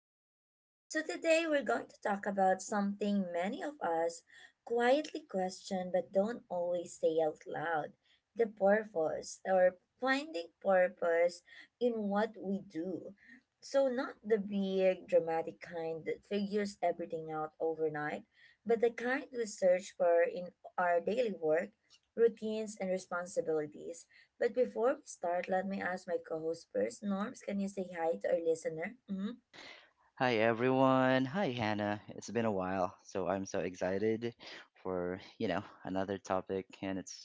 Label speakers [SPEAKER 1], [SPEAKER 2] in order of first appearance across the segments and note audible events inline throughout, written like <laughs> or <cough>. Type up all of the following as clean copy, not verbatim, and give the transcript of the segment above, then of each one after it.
[SPEAKER 1] Norms. So today we're going to talk about something many of us quietly question but don't always say out loud. The purpose or finding purpose in what we do. So not the big dramatic kind that figures everything out overnight, but the kind we search for in our daily work, routines and responsibilities but before we start, let me ask my co host first. Norms, can you say hi to our listener? Mhm.
[SPEAKER 2] Hi everyone. Hi Hannah. It's been a while, so I'm so excited for, another topic and it's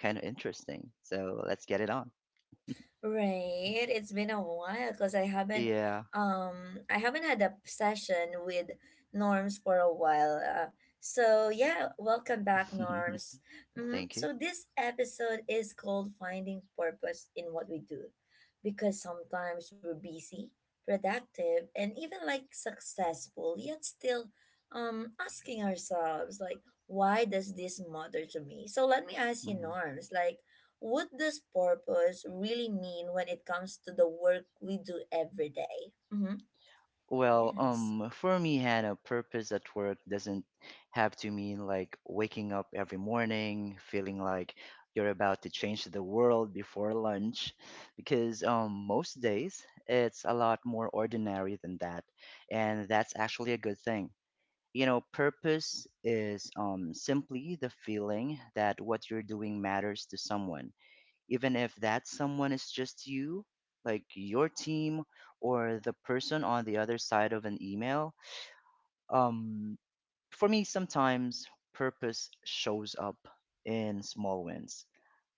[SPEAKER 2] kind of interesting. So let's get it on.
[SPEAKER 1] Right. It's been a while because
[SPEAKER 2] Yeah.
[SPEAKER 1] I haven't had a session with Norms for a while. So yeah, welcome back,
[SPEAKER 2] <laughs>
[SPEAKER 1] Norms.
[SPEAKER 2] Thank you.
[SPEAKER 1] So this episode is called Finding Purpose in What We Do. Because sometimes we're busy, productive, and even like successful, yet still asking ourselves like why does this matter to me? So let me ask you,
[SPEAKER 2] Mm-hmm.
[SPEAKER 1] Norms, like what does purpose really mean when it comes to the work we do every day? Mm-hmm.
[SPEAKER 2] Well,
[SPEAKER 1] Yes.
[SPEAKER 2] for me, Hannah, purpose at work doesn't have to mean like waking up every morning feeling like you're about to change the world before lunch, because most days it's a lot more ordinary than that, and that's actually a good thing. You know, purpose is simply the feeling that what you're doing matters to someone, even if that someone is just you, like your team or the person on the other side of an email. Um, for me, sometimes purpose shows up in small wins,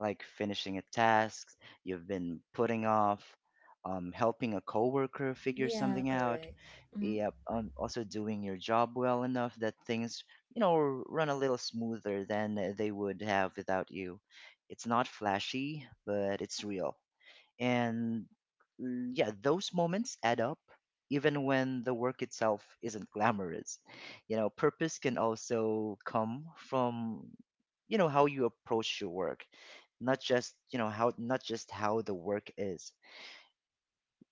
[SPEAKER 2] like finishing a task you've been putting off, helping a coworker figure
[SPEAKER 1] Yeah,
[SPEAKER 2] something out.
[SPEAKER 1] correct. Mm-hmm.
[SPEAKER 2] Yep, also doing your job well enough that things, you know, run a little smoother than they would have without you. It's not flashy, but it's real. And yeah, those moments add up even when the work itself isn't glamorous. You know, purpose can also come from, how you approach your work, not just, you know, how not just how the work is.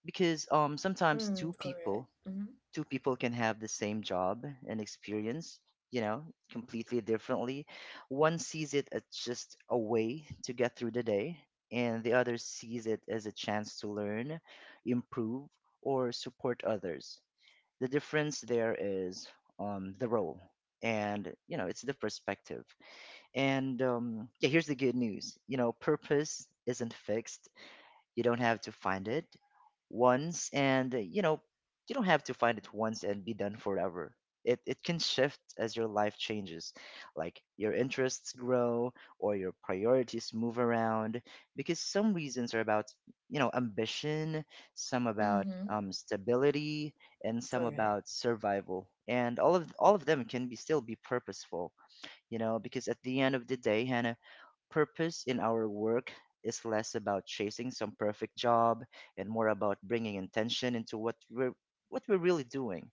[SPEAKER 2] Because sometimes
[SPEAKER 1] Mm, correct. Mm-hmm.
[SPEAKER 2] two people can have the same job and experience, you know, completely differently. One sees it as just a way to get through the day, and the other sees it as a chance to learn, improve, or support others. The difference there is the role. And you know it's the perspective, and yeah. Here's the good news: you know, purpose isn't fixed. You don't have to find it once and, you know, You don't have to find it once and be done forever. It can shift as your life changes, like your interests grow or your priorities move around, because some reasons are about, ambition, some about
[SPEAKER 1] Mm-hmm.
[SPEAKER 2] stability, and some
[SPEAKER 1] Correct.
[SPEAKER 2] about survival. And all of them can be still be purposeful, you know, because at the end of the day, Hannah, purpose in our work is less about chasing some perfect job and more about bringing intention into what we're really doing.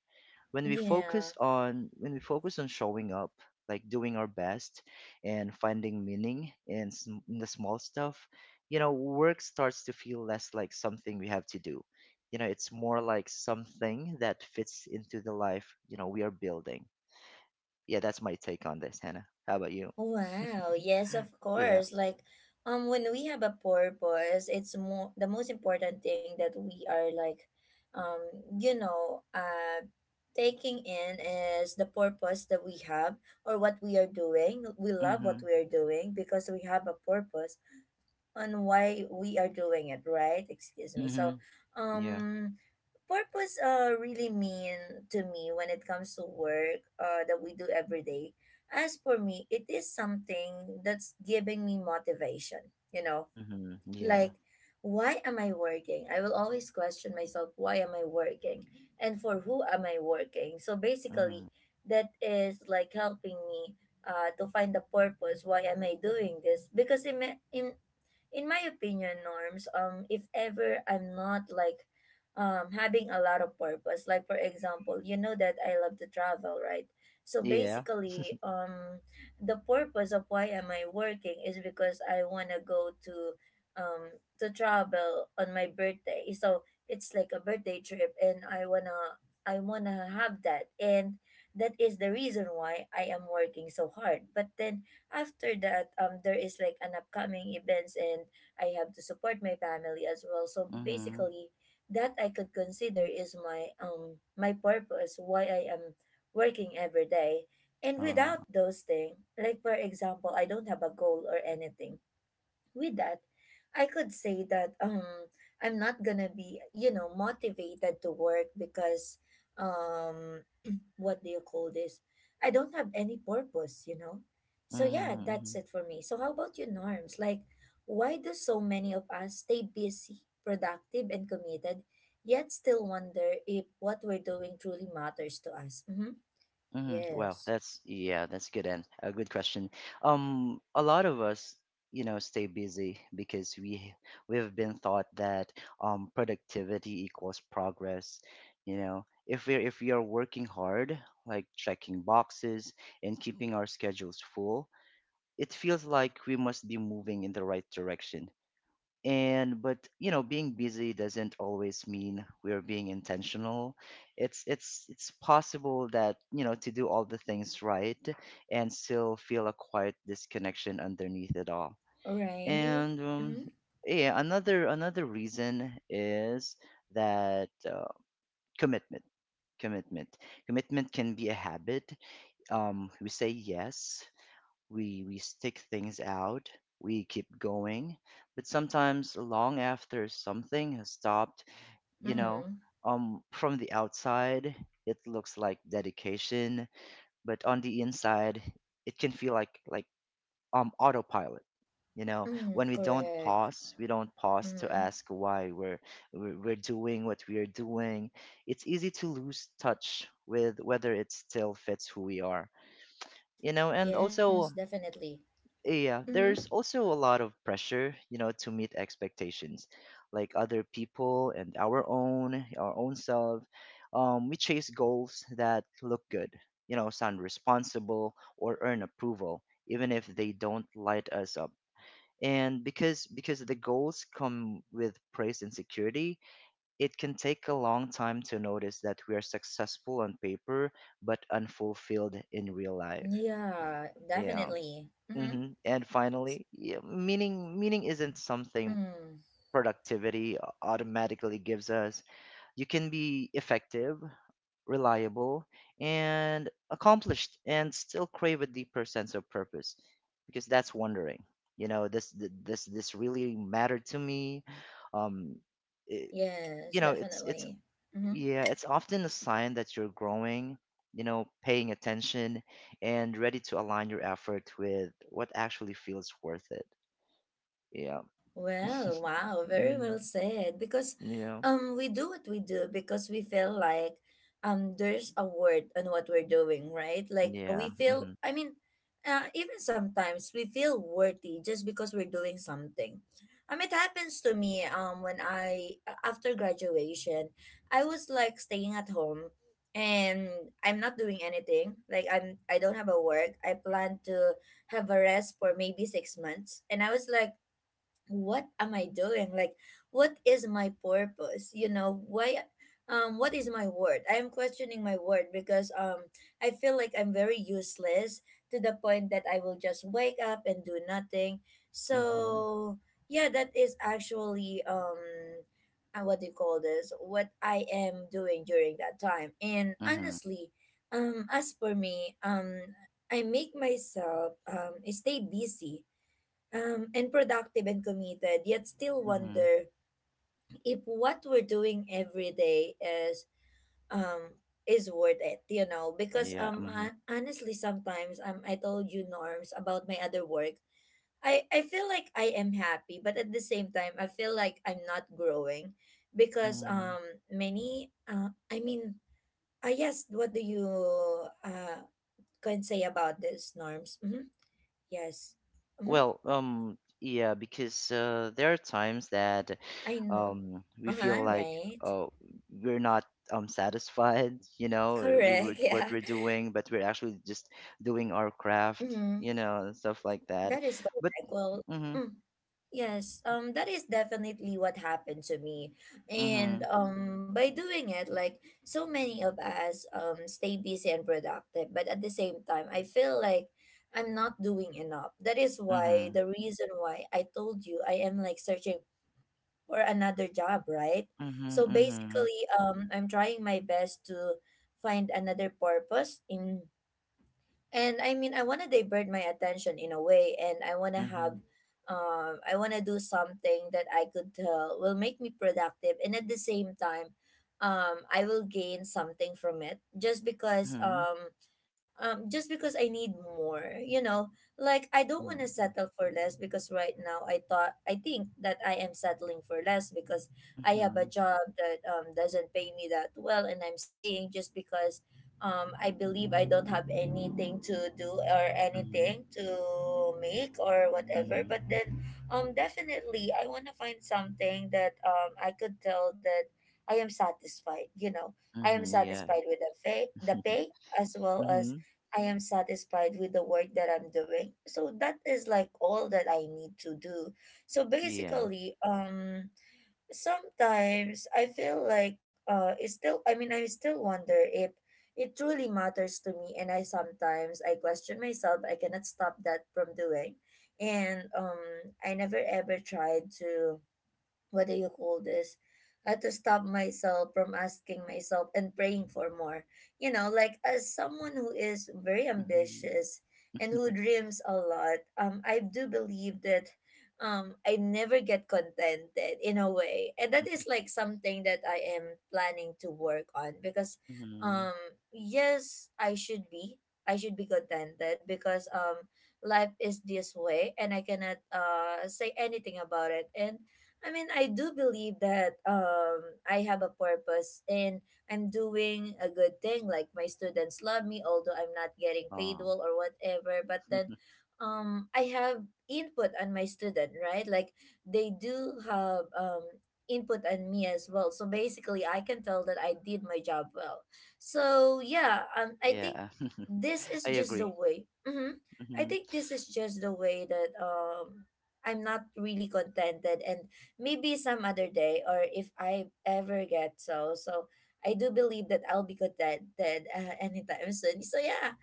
[SPEAKER 1] Yeah.
[SPEAKER 2] When we focus on showing up, like doing our best and finding meaning in, in the small stuff, you know, work starts to feel less like something we have to do. You know, it's more like something that fits into the life, we are building. Yeah, that's my take on this, Hannah. How about you?
[SPEAKER 1] Wow, yes, of
[SPEAKER 2] Yeah.
[SPEAKER 1] course. Like, when we have a purpose, it's more the most important thing that we are like, um, you know, uh, taking in is the purpose that we have or what we are doing. We love what
[SPEAKER 2] Mhm.
[SPEAKER 1] we are doing because we have a purpose on why we are doing it, right? Excuse me. So,
[SPEAKER 2] Mhm. Yeah.
[SPEAKER 1] um, purpose really mean to me when it comes to work that we do every day, as for me it is something that's giving me motivation, you know,
[SPEAKER 2] Mhm. Yeah.
[SPEAKER 1] like why am I working? I will always question myself why am I working and for who am I working? So basically
[SPEAKER 2] Mhm.
[SPEAKER 1] that is like helping me to find the purpose why am I doing this? Because in in my opinion, norms, if ever I'm not like having a lot of purpose, like for example, you know that I love to travel, right? So
[SPEAKER 2] Yeah.
[SPEAKER 1] basically, the purpose of why am I working is because I wanna go to travel on my birthday. So it's like a birthday trip and I wanna have that and that is the reason why I am working so hard. But then after that there is like an upcoming events and I have to support my family as well, so
[SPEAKER 2] Mhm.
[SPEAKER 1] basically that I could consider is my my purpose why I am working every day. And
[SPEAKER 2] Uh,
[SPEAKER 1] without those things, like for example I don't have a goal or anything with that, I could say that I'm not gonna be, you know, motivated to work because um what do you call this? I don't have any purpose, you know? So yeah,
[SPEAKER 2] mhm.
[SPEAKER 1] that's
[SPEAKER 2] Mhm.
[SPEAKER 1] it for me. So how about you, Norms? Like, why do so many of us stay busy, productive, and committed, yet still wonder if what we're doing truly matters to us? Mm-hmm.
[SPEAKER 2] Mhm. Wow,
[SPEAKER 1] Yes.
[SPEAKER 2] that's yeah, that's good and a good question. A lot of us, stay busy because we've been taught that productivity equals progress. You know, if we are working hard, like checking boxes and keeping our schedules full, it feels like we must be moving in the right direction. And but you know being busy doesn't always mean we're being intentional. It's possible that, you know, to do all the things right and still feel a quiet disconnection underneath it all.
[SPEAKER 1] All right.
[SPEAKER 2] And
[SPEAKER 1] Mm-hmm.
[SPEAKER 2] yeah, another reason is that commitment commitment commitment can be a habit. We say yes, we stick things out, we keep going, but sometimes long after something has stopped, you know,
[SPEAKER 1] Mm-hmm.
[SPEAKER 2] from the outside it looks like dedication, but on the inside it can feel autopilot. You know, when
[SPEAKER 1] Mm, correct.
[SPEAKER 2] we don't pause to
[SPEAKER 1] Mm-hmm.
[SPEAKER 2] ask why we're doing what we are doing. It's easy to lose touch with whether it still fits who we are, you know, and
[SPEAKER 1] Yes,
[SPEAKER 2] also
[SPEAKER 1] definitely.
[SPEAKER 2] yeah,
[SPEAKER 1] Mm-hmm.
[SPEAKER 2] there's also a lot of pressure, you know, to meet expectations like other people and our own self. We chase goals that look good, you know, sound responsible or earn approval, even if they don't light us up. And because the goals come with praise and security, it can take a long time to notice that we are successful on paper but unfulfilled in real life.
[SPEAKER 1] Yeah,
[SPEAKER 2] Yeah.
[SPEAKER 1] definitely. Mm-hmm.
[SPEAKER 2] Mm-hmm. And finally, yeah, meaning isn't something
[SPEAKER 1] Mm.
[SPEAKER 2] productivity automatically gives us. You can be effective, reliable, and accomplished and still crave a deeper sense of purpose, because that's wondering. You know, this th- this really mattered to me. Um it,
[SPEAKER 1] Yes,
[SPEAKER 2] you know, it's
[SPEAKER 1] definitely. Mm-hmm.
[SPEAKER 2] yeah, it's often a sign that you're growing, you know, paying attention and ready to align your effort with what actually feels worth it, yeah. <laughs>
[SPEAKER 1] Well, wow, very
[SPEAKER 2] Mm,
[SPEAKER 1] well said. Because
[SPEAKER 2] yeah.
[SPEAKER 1] we do what we do because we feel like there's a word on what we're doing, right? Like
[SPEAKER 2] Yeah.
[SPEAKER 1] we feel,
[SPEAKER 2] Mhm.
[SPEAKER 1] I mean, even sometimes we feel worthy just because we're doing something. It happens to me when I after graduation, I was like staying at home and I'm not doing anything. Like I don't have a work. I plan to have a rest for maybe 6 months and I was like what am I doing? Like what is my purpose, you know? Why what is my word? I am questioning my word because I feel like I'm very useless to the point that I will just wake up and do nothing.
[SPEAKER 2] Mhm.
[SPEAKER 1] So yeah, that is actually what do you call this, what I am doing during that time? And
[SPEAKER 2] Mhm.
[SPEAKER 1] honestly as for me, I make myself stay busy and productive and committed, yet still
[SPEAKER 2] Mhm.
[SPEAKER 1] wonder if what we're doing every day um is worth it, you know? Because
[SPEAKER 2] Yeah. Mhm.
[SPEAKER 1] honestly, sometimes I told you norms about my other work. I feel like I am happy, but at the same time, I feel like I'm not growing because
[SPEAKER 2] Mm.
[SPEAKER 1] many I mean yes, what do you can say about this, norms? Mm-hmm. Yes. Mm-hmm.
[SPEAKER 2] Well, yeah, because there are times that
[SPEAKER 1] I know.
[SPEAKER 2] we
[SPEAKER 1] Uh
[SPEAKER 2] feel
[SPEAKER 1] huh.
[SPEAKER 2] like
[SPEAKER 1] Right.
[SPEAKER 2] uh we're not satisfied, <laughs> you know, we
[SPEAKER 1] Correct. <laughs>
[SPEAKER 2] with what
[SPEAKER 1] Yeah.
[SPEAKER 2] we're doing, but we're actually just doing our craft,
[SPEAKER 1] Mm-hmm.
[SPEAKER 2] you know, and stuff like that.
[SPEAKER 1] That is
[SPEAKER 2] But
[SPEAKER 1] correct. Well,
[SPEAKER 2] mhm.
[SPEAKER 1] mm, yes. That is definitely what happened to me, and
[SPEAKER 2] Mhm.
[SPEAKER 1] by doing it, like so many of us, stay busy and productive, but at the same time, I feel like I'm not doing enough. That is why
[SPEAKER 2] Mhm.
[SPEAKER 1] the reason why I told you I am like searching for another job, right?
[SPEAKER 2] Mhm.
[SPEAKER 1] So
[SPEAKER 2] Mhm.
[SPEAKER 1] basically, I'm trying my best to find another purpose in, and I mean, I want to divert my attention in a way, and I want to have,
[SPEAKER 2] Mhm.
[SPEAKER 1] I want to do something that I could tell will make me productive, and at the same time, I will gain something from it.
[SPEAKER 2] Mhm.
[SPEAKER 1] Just because I need more, you know, like I don't want to
[SPEAKER 2] Mhm.
[SPEAKER 1] settle for less because right now I thought I think that I am settling for less because I have a
[SPEAKER 2] Mhm.
[SPEAKER 1] job that doesn't pay me that well and I'm staying just because I believe I don't have anything to do or
[SPEAKER 2] Mhm.
[SPEAKER 1] anything to make or whatever.
[SPEAKER 2] Mhm.
[SPEAKER 1] But then definitely I want to find something that I could tell that I am satisfied, you know. I am
[SPEAKER 2] Mhm. Yeah.
[SPEAKER 1] satisfied with the pay as well as
[SPEAKER 2] Mhm.
[SPEAKER 1] I am satisfied with the work that I'm doing. So that is like all that I need to do. So
[SPEAKER 2] Yeah.
[SPEAKER 1] basically, sometimes I feel like it's still, I mean, I still wonder if it truly matters to me and I sometimes I question myself. I cannot stop that from doing. And I never ever tried to what do you call this? I had to stop myself from asking myself and praying for more. You know, like as someone who is very
[SPEAKER 2] Mhm.
[SPEAKER 1] ambitious and who dreams a lot, I do believe that I never get contented in a way. And that is like something that I am planning to work on because
[SPEAKER 2] Mhm. <laughs>
[SPEAKER 1] um yes, I should be. I should be contented because life is this way and I cannot say anything about it. And I mean, I do believe that I have a purpose and I'm doing a good thing. Like my students love me, although I'm not getting paid
[SPEAKER 2] Oh.
[SPEAKER 1] well or whatever. But then, I have input on my student, right? Like they do have input on me as well. So basically, I can tell that I did my job well. So yeah, I think
[SPEAKER 2] Yeah. <laughs>
[SPEAKER 1] this is
[SPEAKER 2] I
[SPEAKER 1] just the
[SPEAKER 2] agree.
[SPEAKER 1] way. Mm-hmm. I
[SPEAKER 2] Mhm.
[SPEAKER 1] think this is just the way that I'm not really contented and maybe some other day or if I ever get so. So I do believe that I'll be contented <laughs> anytime soon. So yeah,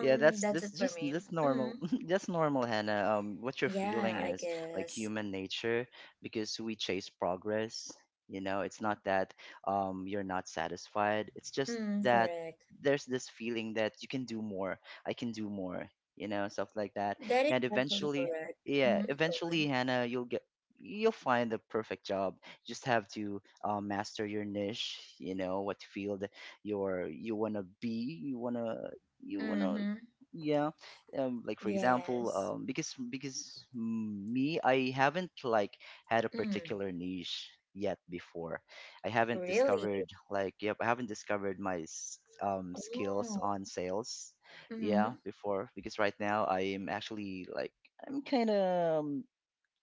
[SPEAKER 2] Yeah,
[SPEAKER 1] that's it for me.
[SPEAKER 2] that's normal.
[SPEAKER 1] hmm
[SPEAKER 2] <laughs> That's normal, Hannah. What you're
[SPEAKER 1] Yeah,
[SPEAKER 2] feeling
[SPEAKER 1] I
[SPEAKER 2] is like
[SPEAKER 1] guess.
[SPEAKER 2] human nature because we chase progress. You know, it's not that you're not satisfied. It's just
[SPEAKER 1] Mm,
[SPEAKER 2] that
[SPEAKER 1] correct.
[SPEAKER 2] there's this feeling that you can do more. I can do more. You know, stuff like that.
[SPEAKER 1] That is
[SPEAKER 2] And
[SPEAKER 1] actually
[SPEAKER 2] eventually,
[SPEAKER 1] correct.
[SPEAKER 2] yeah,
[SPEAKER 1] Mm-hmm. Go
[SPEAKER 2] eventually,
[SPEAKER 1] on.
[SPEAKER 2] Hannah, you'll find the perfect job. You just have to master your niche. You know what field you wanna be. You wanna
[SPEAKER 1] Mm-hmm.
[SPEAKER 2] yeah. Like, for example,
[SPEAKER 1] Yes.
[SPEAKER 2] because me, I haven't like had a
[SPEAKER 1] Mm,
[SPEAKER 2] particular niche yet. Before
[SPEAKER 1] really?
[SPEAKER 2] I haven't discovered my skills
[SPEAKER 1] Oh.
[SPEAKER 2] on sales, yeah,
[SPEAKER 1] Mm-hmm.
[SPEAKER 2] before. Because right now I'm actually like I'm kind of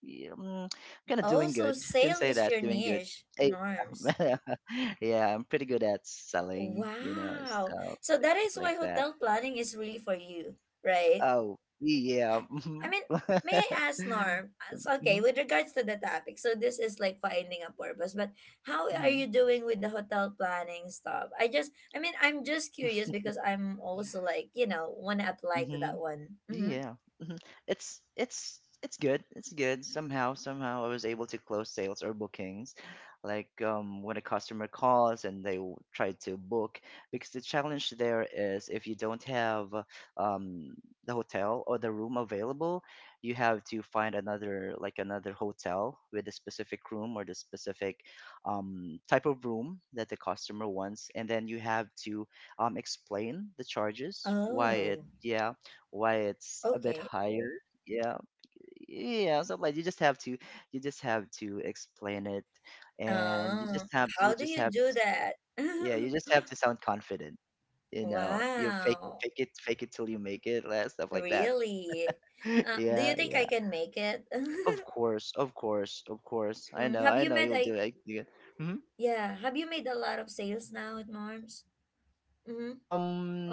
[SPEAKER 2] yeah, mm, kind of
[SPEAKER 1] Oh,
[SPEAKER 2] doing
[SPEAKER 1] so
[SPEAKER 2] good, can
[SPEAKER 1] sale
[SPEAKER 2] say
[SPEAKER 1] is
[SPEAKER 2] that
[SPEAKER 1] your
[SPEAKER 2] doing good.
[SPEAKER 1] niche,
[SPEAKER 2] Eh,
[SPEAKER 1] norms.
[SPEAKER 2] <laughs> yeah, I'm pretty good at selling, you know,
[SPEAKER 1] Wow.
[SPEAKER 2] stuff
[SPEAKER 1] So that is
[SPEAKER 2] like
[SPEAKER 1] why
[SPEAKER 2] that.
[SPEAKER 1] hotel planning is really for you, right?
[SPEAKER 2] Oh, yeah. <laughs>
[SPEAKER 1] I
[SPEAKER 2] Mhm.
[SPEAKER 1] mean, may I ask Norm? So, okay,
[SPEAKER 2] Mhm.
[SPEAKER 1] with regards to the topic, so this is like finding a purpose, but how are
[SPEAKER 2] Mhm.
[SPEAKER 1] you doing with the hotel planning stuff? I just, I mean, I'm just curious because I'm also like, you know, want to apply to that
[SPEAKER 2] Mhm.
[SPEAKER 1] one.
[SPEAKER 2] <laughs>
[SPEAKER 1] Mm-hmm.
[SPEAKER 2] Yeah. Mhm. It's good. It's good. Somehow I was able to close sales or bookings. Like when a customer calls and they try to book, because the challenge there is if you don't have um the hotel or the room available, you have to find another, like another hotel with a specific room or the specific type of room that the customer wants, and then you have to explain the charges,
[SPEAKER 1] Oh,
[SPEAKER 2] why it's a bit
[SPEAKER 1] okay.
[SPEAKER 2] higher.
[SPEAKER 1] Okay.
[SPEAKER 2] Yeah, yeah. So like you just have to explain it, and
[SPEAKER 1] Oh,
[SPEAKER 2] you
[SPEAKER 1] how do
[SPEAKER 2] just
[SPEAKER 1] you
[SPEAKER 2] have, to,
[SPEAKER 1] do
[SPEAKER 2] s-
[SPEAKER 1] that? <laughs>
[SPEAKER 2] yeah, you just have to sound confident. You know, you fake, it,
[SPEAKER 1] Wow,
[SPEAKER 2] fake it, fake it till you make it, like, stuff like that.
[SPEAKER 1] really?
[SPEAKER 2] <laughs>
[SPEAKER 1] Do you
[SPEAKER 2] Yeah,
[SPEAKER 1] think
[SPEAKER 2] yeah.
[SPEAKER 1] I can make it?
[SPEAKER 2] Of
[SPEAKER 1] <laughs>
[SPEAKER 2] course, of course, of course. I
[SPEAKER 1] Mm,
[SPEAKER 2] know,
[SPEAKER 1] Have
[SPEAKER 2] I
[SPEAKER 1] you
[SPEAKER 2] know.
[SPEAKER 1] met
[SPEAKER 2] You'll
[SPEAKER 1] a
[SPEAKER 2] do it.
[SPEAKER 1] Yeah. Have you made a lot of sales now at Norms? Mm-hmm.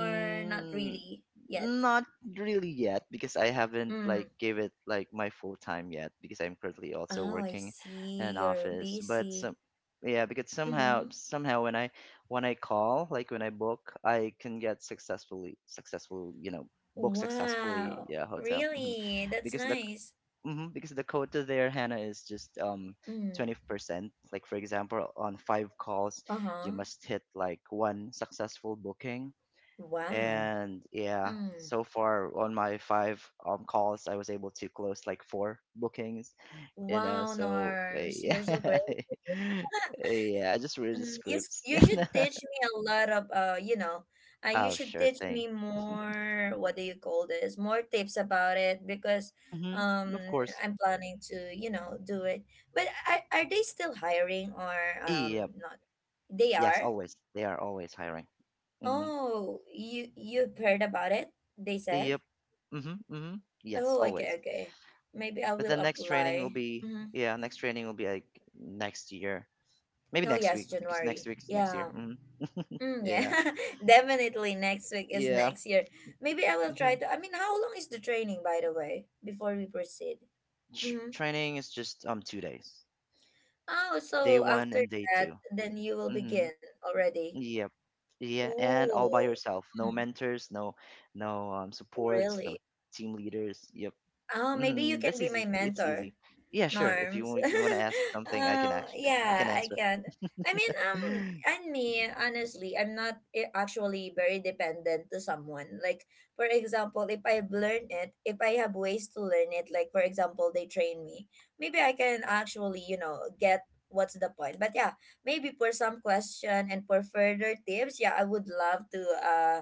[SPEAKER 1] Or not really yet?
[SPEAKER 2] Not really yet, because I haven't like
[SPEAKER 1] Mm.
[SPEAKER 2] gave it like my full time yet, because I'm currently also
[SPEAKER 1] Oh, I
[SPEAKER 2] working in
[SPEAKER 1] see.
[SPEAKER 2] an
[SPEAKER 1] You're
[SPEAKER 2] office. But
[SPEAKER 1] busy.
[SPEAKER 2] some, yeah, because
[SPEAKER 1] Mm-hmm.
[SPEAKER 2] somehow when I call, like when I book, I can get successful, you know, book successfully,
[SPEAKER 1] Wow.
[SPEAKER 2] yeah, hotel. <laughs> Mhm.
[SPEAKER 1] Really? That's
[SPEAKER 2] Because the
[SPEAKER 1] nice.
[SPEAKER 2] because the quota there, Hannah, is just
[SPEAKER 1] Mm.
[SPEAKER 2] 20% like, for example, on five calls you
[SPEAKER 1] Uh-huh.
[SPEAKER 2] must hit like one successful booking.
[SPEAKER 1] Wow.
[SPEAKER 2] And yeah,
[SPEAKER 1] Mm.
[SPEAKER 2] so far on my five calls I was able to close like four bookings, you know.
[SPEAKER 1] Wow,
[SPEAKER 2] So
[SPEAKER 1] Norms.
[SPEAKER 2] yeah.
[SPEAKER 1] You're so
[SPEAKER 2] <laughs>
[SPEAKER 1] great. <laughs>
[SPEAKER 2] Yeah, I just read the
[SPEAKER 1] Mm,
[SPEAKER 2] scripts.
[SPEAKER 1] you should
[SPEAKER 2] <laughs>
[SPEAKER 1] teach me a lot of you know you
[SPEAKER 2] Oh,
[SPEAKER 1] should
[SPEAKER 2] sure
[SPEAKER 1] teach
[SPEAKER 2] thing.
[SPEAKER 1] me more, what do you call this, more tips about it because
[SPEAKER 2] Mm-hmm.
[SPEAKER 1] um
[SPEAKER 2] Of course.
[SPEAKER 1] I'm planning to, you know, do it, but are they still hiring or
[SPEAKER 2] Yep.
[SPEAKER 1] not? They
[SPEAKER 2] Yes,
[SPEAKER 1] are.
[SPEAKER 2] always, they are always hiring. Mm-hmm.
[SPEAKER 1] Oh, you you've heard about it, they said?
[SPEAKER 2] Yep. Mm-hmm. Mm-hmm. Yes,
[SPEAKER 1] Oh,
[SPEAKER 2] always.
[SPEAKER 1] okay, okay. Maybe I
[SPEAKER 2] But the
[SPEAKER 1] will
[SPEAKER 2] next training will
[SPEAKER 1] apply.
[SPEAKER 2] be,
[SPEAKER 1] Mm-hmm.
[SPEAKER 2] yeah, next training will be like next year, maybe
[SPEAKER 1] Oh
[SPEAKER 2] next
[SPEAKER 1] yes,
[SPEAKER 2] week, because next
[SPEAKER 1] January,
[SPEAKER 2] week is next year.
[SPEAKER 1] yeah.
[SPEAKER 2] Mm-hmm.
[SPEAKER 1] Mm, yeah,
[SPEAKER 2] Yeah,
[SPEAKER 1] <laughs> definitely next week is
[SPEAKER 2] yeah.
[SPEAKER 1] next year. Maybe I will try
[SPEAKER 2] Mm-hmm.
[SPEAKER 1] to. I mean, how long is the training, by the way, before we proceed? Mm-hmm.
[SPEAKER 2] Training is just 2 days,
[SPEAKER 1] Oh,
[SPEAKER 2] day
[SPEAKER 1] so
[SPEAKER 2] one
[SPEAKER 1] after
[SPEAKER 2] and day 2.
[SPEAKER 1] that, then you will
[SPEAKER 2] Mm-hmm.
[SPEAKER 1] begin already.
[SPEAKER 2] Yep. Yeah, and all by
[SPEAKER 1] Oh,
[SPEAKER 2] yourself. No
[SPEAKER 1] mm,
[SPEAKER 2] mentors, no no supports, no
[SPEAKER 1] really?
[SPEAKER 2] team leaders. Yep.
[SPEAKER 1] Oh, maybe you
[SPEAKER 2] Mm-hmm.
[SPEAKER 1] can
[SPEAKER 2] That's
[SPEAKER 1] be my
[SPEAKER 2] easy, but it's
[SPEAKER 1] mentor,
[SPEAKER 2] easy. Yeah, sure. If you
[SPEAKER 1] Norms.
[SPEAKER 2] want to ask
[SPEAKER 1] <laughs>
[SPEAKER 2] something, I can
[SPEAKER 1] Yeah, I
[SPEAKER 2] answer.
[SPEAKER 1] can. I mean,
[SPEAKER 2] <laughs>
[SPEAKER 1] and me, honestly, I'm not I- actually very dependent to someone. Like, for example, if I've learned it, if I have ways to learn it, like, for example, they train me, maybe I can actually, you know, get what's the point. But yeah, maybe for some question and for further tips, yeah, I would love to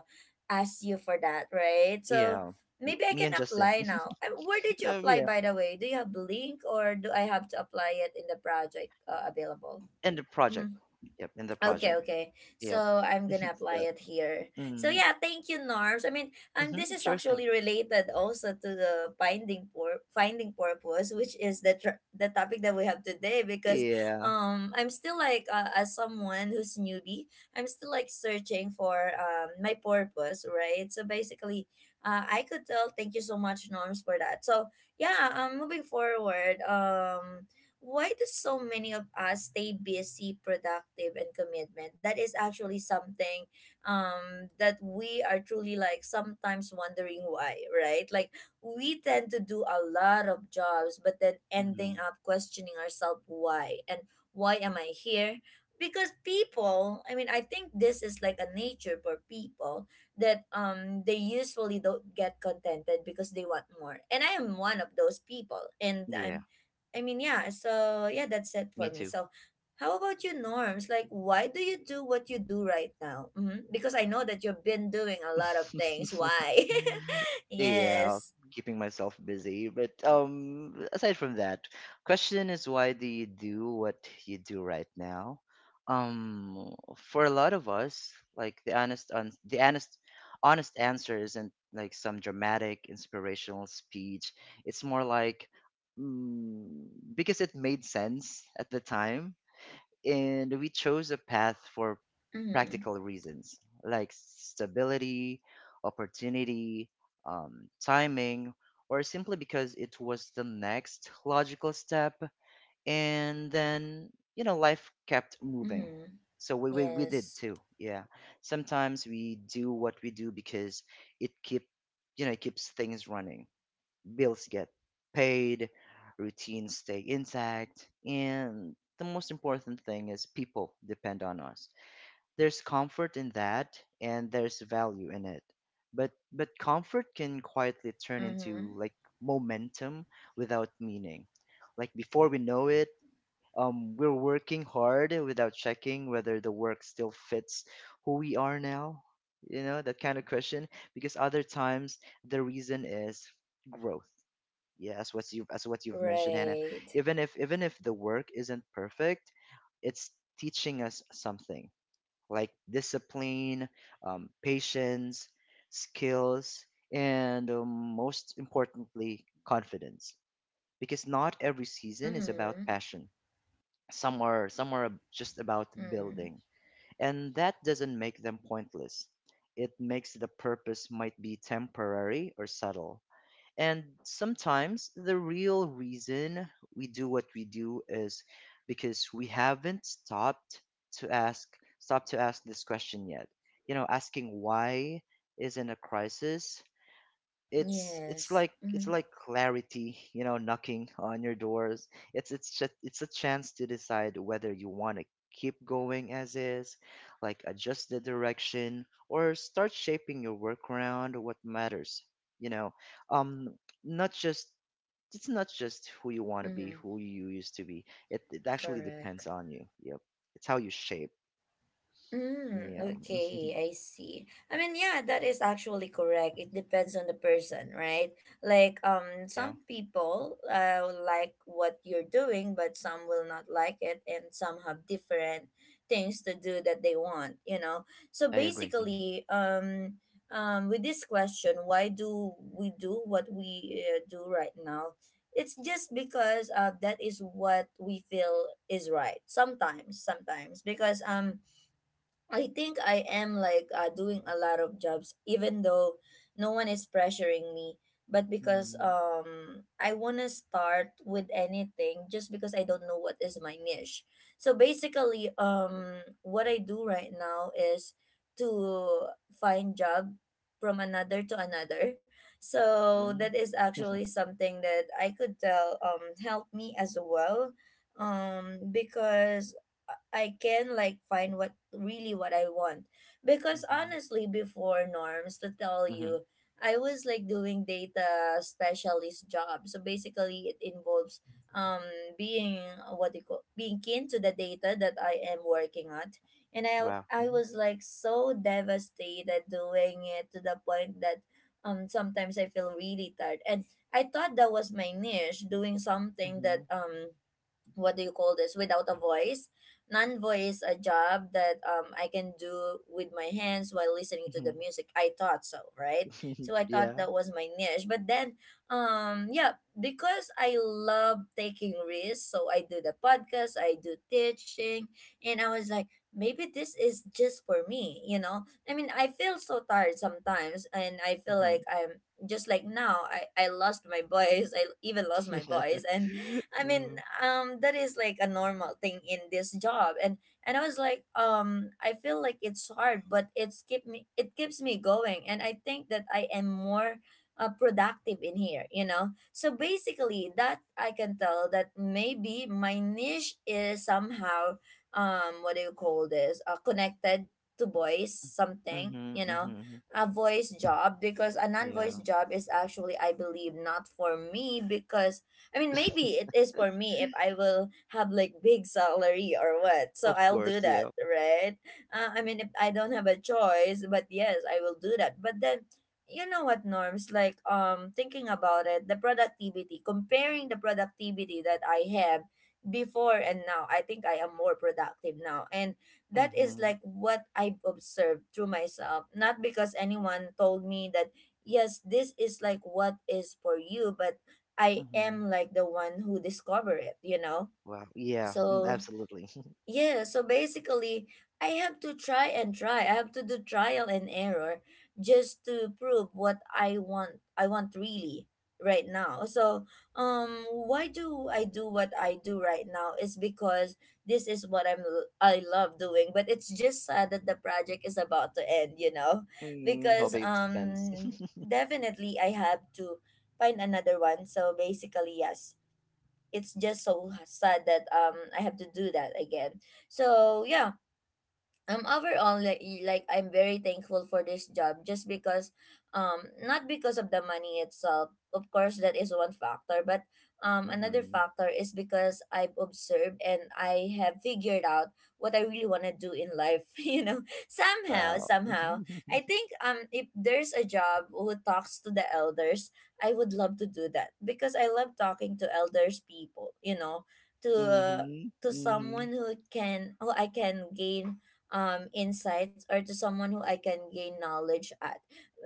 [SPEAKER 1] ask you for that, right? So,
[SPEAKER 2] Yeah,
[SPEAKER 1] maybe I
[SPEAKER 2] me
[SPEAKER 1] can
[SPEAKER 2] and Justin.
[SPEAKER 1] apply now. Where did
[SPEAKER 2] <laughs>
[SPEAKER 1] you apply,
[SPEAKER 2] Yeah,
[SPEAKER 1] by the way? Do you have link or do I have to apply it in the project available?
[SPEAKER 2] and the project.
[SPEAKER 1] Mm-hmm.
[SPEAKER 2] Yep, and the
[SPEAKER 1] Okay,
[SPEAKER 2] project.
[SPEAKER 1] okay.
[SPEAKER 2] Yep.
[SPEAKER 1] So I'm
[SPEAKER 2] <laughs>
[SPEAKER 1] gonna apply
[SPEAKER 2] So,
[SPEAKER 1] it here. So
[SPEAKER 2] mm-hmm.
[SPEAKER 1] yeah, thank you, Norms. This
[SPEAKER 2] Mm-hmm.
[SPEAKER 1] is
[SPEAKER 2] Sure thing.
[SPEAKER 1] actually related also to the finding purpose, which is the the topic that we have today. Because
[SPEAKER 2] Yeah.
[SPEAKER 1] I'm still like as someone who's newbie, I'm still like searching for my purpose, right? So basically, I could tell. Thank you so much, Norms, for that. So yeah, moving forward, why do so many of us stay busy, productive, and commitment? That is actually something that we are truly like sometimes wondering why, right? Like we tend to do a lot of jobs, but then
[SPEAKER 2] Mm-hmm.
[SPEAKER 1] ending up questioning ourselves why and why am I here? Because people, I mean, I think this is like a nature for people that they usually don't get contented because they want more. And I am one of those people, and
[SPEAKER 2] Yeah.
[SPEAKER 1] I mean, yeah, so yeah, that's it for
[SPEAKER 2] Me
[SPEAKER 1] me.
[SPEAKER 2] too.
[SPEAKER 1] So, how about you, Norms? Like, why do you do what you do right now? Because I know that you've been doing a lot of things.
[SPEAKER 2] <laughs>
[SPEAKER 1] Why? <laughs>
[SPEAKER 2] Yeah,
[SPEAKER 1] Yes.
[SPEAKER 2] keeping myself busy. But aside from that, question is why do you do what you do right now? For a lot of us, like the honest, un- the honest, honest answer isn't like some dramatic inspirational speech. It's more like because it made sense at the time, and we chose a path for
[SPEAKER 1] Mm-hmm.
[SPEAKER 2] practical reasons like stability, opportunity, timing, or simply because it was the next logical step. And then, you know, life kept moving.
[SPEAKER 1] Mm-hmm.
[SPEAKER 2] So we did
[SPEAKER 1] Yes.
[SPEAKER 2] too. Yeah. Sometimes we do what we do because it keep it keeps things running bills get paid, routines stay intact, and the most important thing is people depend on us. There's comfort in that and there's value in it. But comfort can quietly turn into
[SPEAKER 1] Mm-hmm.
[SPEAKER 2] like momentum without meaning. Like before we know it, we're working hard without checking whether the work still fits who we are now. You know, that kind of question. Because other times the reason is growth, yeah, as what you've mentioned, Hannah.
[SPEAKER 1] Right.
[SPEAKER 2] Even if the work isn't perfect, it's teaching us something like discipline, patience, skills, and most importantly, confidence. Because not every season is about
[SPEAKER 1] Mm-hmm.
[SPEAKER 2] passion. Some are just about
[SPEAKER 1] Mm-hmm.
[SPEAKER 2] building, and that doesn't make them pointless. It makes the purpose might be temporary or subtle, and sometimes the real reason we do what we do is because we haven't stopped to ask, stop to ask this question yet. You know, asking why is in a crisis, it's it's
[SPEAKER 1] Yes.
[SPEAKER 2] like it's
[SPEAKER 1] Mm-hmm.
[SPEAKER 2] like clarity, you know, knocking on your doors. It's a chance to decide whether you want to keep going as is, like adjust the direction or start shaping your work around what matters, you know. um Not just, it's not just who you want to be,
[SPEAKER 1] Mm-hmm.
[SPEAKER 2] who you used to be. It actually
[SPEAKER 1] Correct.
[SPEAKER 2] depends on you, yep. It's how you shape. Yeah.
[SPEAKER 1] Okay, I see. I mean, yeah, that is actually correct. It depends on the person, right? Like,
[SPEAKER 2] Yeah.
[SPEAKER 1] some people will like what you're doing, but some will not like it, and some have different things to do that they want, you know. So
[SPEAKER 2] I agree.
[SPEAKER 1] basically, with this question, why do we do what we do right now? It's just because that is what we feel is right. Sometimes, because I think I am like doing a lot of jobs, even though no one is pressuring me. But because
[SPEAKER 2] Hmm.
[SPEAKER 1] I wanna start with anything just because I don't know what is my niche. So basically, what I do right now is to find job from another to another. So
[SPEAKER 2] Hmm.
[SPEAKER 1] that is actually something that I could tell help me as well. Because I can like find what really what I want. Because honestly, before norms to tell
[SPEAKER 2] Hmm.
[SPEAKER 1] you,
[SPEAKER 2] <laughs>
[SPEAKER 1] I was like doing data specialist job. So basically, it involves um being what do you call being keen to the data that I am working at. And I
[SPEAKER 2] Wow.
[SPEAKER 1] I
[SPEAKER 2] Mhm.
[SPEAKER 1] was like so devastated doing it to the point that sometimes I feel really tired. And I thought that was my niche, doing something that
[SPEAKER 2] Mhm.
[SPEAKER 1] what do you call this without a voice non-voice a job that I can do with my hands while listening to the
[SPEAKER 2] Mhm.
[SPEAKER 1] music I thought so right
[SPEAKER 2] <laughs>
[SPEAKER 1] so I thought
[SPEAKER 2] Yeah.
[SPEAKER 1] that was my niche but then yeah because I love taking risks so I do the podcast I do teaching and I was like maybe this is just for me you know I mean I feel so tired sometimes and I feel
[SPEAKER 2] Mhm.
[SPEAKER 1] like I'm just like now i lost my <laughs> voice I even lost my voice and I mean,
[SPEAKER 2] Mhm.
[SPEAKER 1] that is like a normal thing in this job, and I was like, I feel like it's hard, but it keeps me going, and I think that I am more productive in here, you know. So basically, that I can tell that maybe my niche is somehow, what do you call this, connected to voice something,
[SPEAKER 2] Mhm.
[SPEAKER 1] you know,
[SPEAKER 2] Mhm. <laughs>
[SPEAKER 1] a voice job because a non-voice
[SPEAKER 2] Yeah.
[SPEAKER 1] job is actually, I believe, not for me because I mean, maybe it is for me if I will have like big salary or what. So
[SPEAKER 2] Of
[SPEAKER 1] I'll do
[SPEAKER 2] course. Yeah.
[SPEAKER 1] that, right? I mean, if I don't have a choice, but yes, I will do that. But then, you know what, Norms? Like, thinking about it, comparing the productivity that I have before and now, I think I am more productive now. And that is
[SPEAKER 2] Mhm.
[SPEAKER 1] like what I've observed through myself. Not because anyone told me that yes, this is like what is for you, but I
[SPEAKER 2] Mhm.
[SPEAKER 1] am like the one who discover it, you know?
[SPEAKER 2] Wow. Yeah.
[SPEAKER 1] So
[SPEAKER 2] Absolutely. <laughs>
[SPEAKER 1] yeah, so basically I have to try and try. I have to do trial and error just to prove what I want really right now. So why do I do what I do right now is because this is what I love doing, but it's just sad that the project is about to end, you know? <laughs>
[SPEAKER 2] Mm, hope
[SPEAKER 1] Because
[SPEAKER 2] it extends.
[SPEAKER 1] definitely I have to find another one. So basically yes it's just so sad that I have to do that again. So yeah, overall like, like I'm very thankful for this job just because not because of the money itself of course that is one factor but another
[SPEAKER 2] Mhm. <laughs>
[SPEAKER 1] factor is because I've observed and I have figured out what I really want to do in life <laughs> you know somehow
[SPEAKER 2] Wow.
[SPEAKER 1] somehow I
[SPEAKER 2] <laughs>
[SPEAKER 1] think if there's a job who talks to the elders I would love to do that because I love talking to elders people you know to uh,
[SPEAKER 2] Mhm.
[SPEAKER 1] to
[SPEAKER 2] Mhm. Mhm.
[SPEAKER 1] someone who can who I can gain insights or to someone who I can gain knowledge at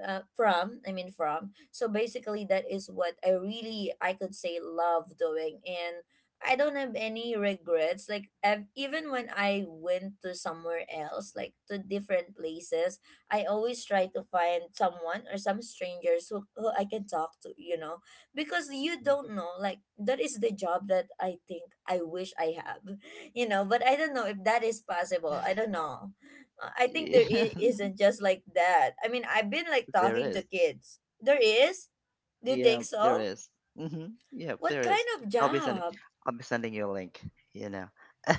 [SPEAKER 1] from. I mean from. So basically, that is what I really I could say love doing, and I don't have any regrets. Like even when I went to somewhere else, like to different places, I always try to find someone or some strangers who I can talk to. You know, because you don't know. Like that is the job that I think I wish I have <laughs> you know but I don't know if that is possible I don't know I think
[SPEAKER 2] Yeah. <laughs>
[SPEAKER 1] isn't just like that. I mean, I've been like
[SPEAKER 2] There
[SPEAKER 1] talking to
[SPEAKER 2] is.
[SPEAKER 1] kids. There is?
[SPEAKER 2] Mm,
[SPEAKER 1] Do you
[SPEAKER 2] yeah.
[SPEAKER 1] think
[SPEAKER 2] There
[SPEAKER 1] so?
[SPEAKER 2] is. Mhm. Yeah.
[SPEAKER 1] What
[SPEAKER 2] There
[SPEAKER 1] kind
[SPEAKER 2] is.
[SPEAKER 1] of
[SPEAKER 2] I'll be sending.
[SPEAKER 1] job?
[SPEAKER 2] I'll be sending you a link. You know.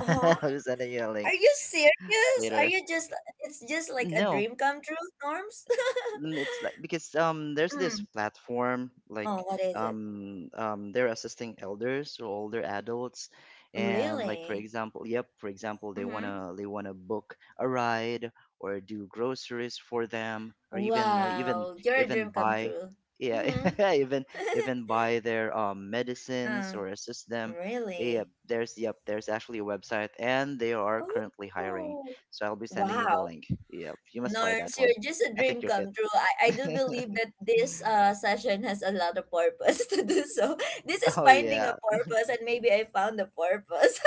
[SPEAKER 1] Huh?
[SPEAKER 2] I'll be sending you a link
[SPEAKER 1] Are you serious? Are
[SPEAKER 2] later.
[SPEAKER 1] you just it's just like a
[SPEAKER 2] No,
[SPEAKER 1] dream come true, Norms? <laughs>
[SPEAKER 2] mm, it's like because there's this
[SPEAKER 1] Mm.
[SPEAKER 2] platform,
[SPEAKER 1] Oh,
[SPEAKER 2] like
[SPEAKER 1] what is it?
[SPEAKER 2] um, they're assisting elders or older adults and, like, for
[SPEAKER 1] Really?
[SPEAKER 2] example, yep, for example,
[SPEAKER 1] Mm-hmm.
[SPEAKER 2] they want to book a ride or do groceries for them, or even uh, even
[SPEAKER 1] Wow, you're a
[SPEAKER 2] even
[SPEAKER 1] dream come
[SPEAKER 2] buy,
[SPEAKER 1] true.
[SPEAKER 2] yeah,
[SPEAKER 1] Mm-hmm.
[SPEAKER 2] <laughs> even even buy their
[SPEAKER 1] <laughs>
[SPEAKER 2] medicines
[SPEAKER 1] uh,
[SPEAKER 2] or assist them. Yep,
[SPEAKER 1] really?
[SPEAKER 2] there's actually a website and they are currently hiring,
[SPEAKER 1] Oh,
[SPEAKER 2] so I'll be sending you the
[SPEAKER 1] wow.
[SPEAKER 2] link. Yep, you must try
[SPEAKER 1] Norms,
[SPEAKER 2] that
[SPEAKER 1] you're
[SPEAKER 2] one.
[SPEAKER 1] just a
[SPEAKER 2] I
[SPEAKER 1] dream
[SPEAKER 2] think you're fit.
[SPEAKER 1] come true. I do believe that this
[SPEAKER 2] <laughs>
[SPEAKER 1] session has a lot of purpose <laughs> to do so. This is
[SPEAKER 2] Oh
[SPEAKER 1] finding a
[SPEAKER 2] yeah.
[SPEAKER 1] purpose, and maybe I found a purpose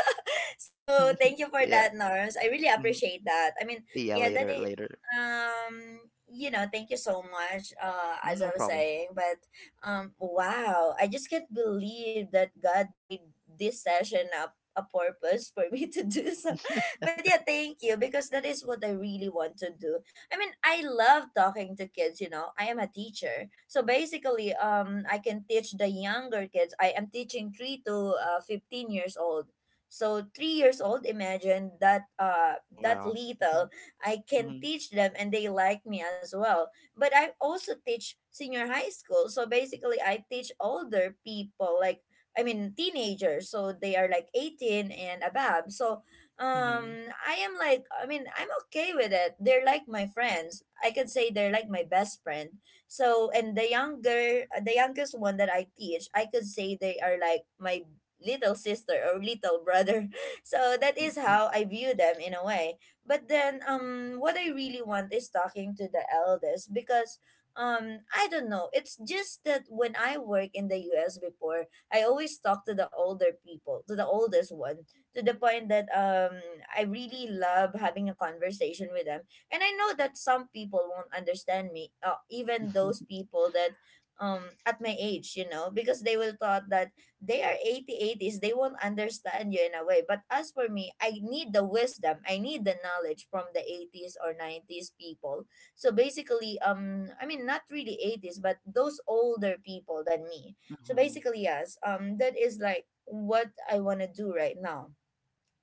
[SPEAKER 1] so
[SPEAKER 2] <laughs>
[SPEAKER 1] thank you for
[SPEAKER 2] Yeah.
[SPEAKER 1] that, Norms. I really
[SPEAKER 2] Mm,
[SPEAKER 1] appreciate that.
[SPEAKER 2] yeah,
[SPEAKER 1] Yeah, that
[SPEAKER 2] later,
[SPEAKER 1] is,
[SPEAKER 2] later.
[SPEAKER 1] um, you know, thank you so much. As
[SPEAKER 2] No
[SPEAKER 1] I was
[SPEAKER 2] problem.
[SPEAKER 1] saying, but wow, I just can't believe that God made this session up a purpose for me <laughs> to do so. <laughs> But yeah, thank you because that is what I really want to do. I mean, I love talking to kids, you know. I am a teacher. So basically, I can teach the younger kids. I am teaching 3 to 15 years old. So 3 years old, imagine that that
[SPEAKER 2] Wow. <laughs>
[SPEAKER 1] little I can
[SPEAKER 2] Mhm,
[SPEAKER 1] teach them and they like me as well. But I also teach senior high school. So basically I teach older people like I mean teenagers. So they are like 18 and above. So
[SPEAKER 2] mhm,
[SPEAKER 1] I am like I mean I'm okay with it. They're like my friends. I can say they're like my best friend. So and the younger the youngest one that I teach, I could say they are like my little sister or little brother. <laughs> So that
[SPEAKER 2] mhm.
[SPEAKER 1] is how I view them in a way. But then what I really want is talking to the eldest because I don't know. It's just that when I work in the US before, I always talk to the older people, to the oldest one, to the point that I really love having a conversation with them. And I know that some people won't understand me, even those
[SPEAKER 2] <laughs>
[SPEAKER 1] people that at my age, you know, because they will thought that they are 80 eighties. They won't understand you in a way, but as for me, I need the wisdom, I need the knowledge from the 80s or 90s people. So basically, I mean not really 80s, but those older people than me. So
[SPEAKER 2] Mhm.
[SPEAKER 1] basically, yes, that is like what I want to do right now,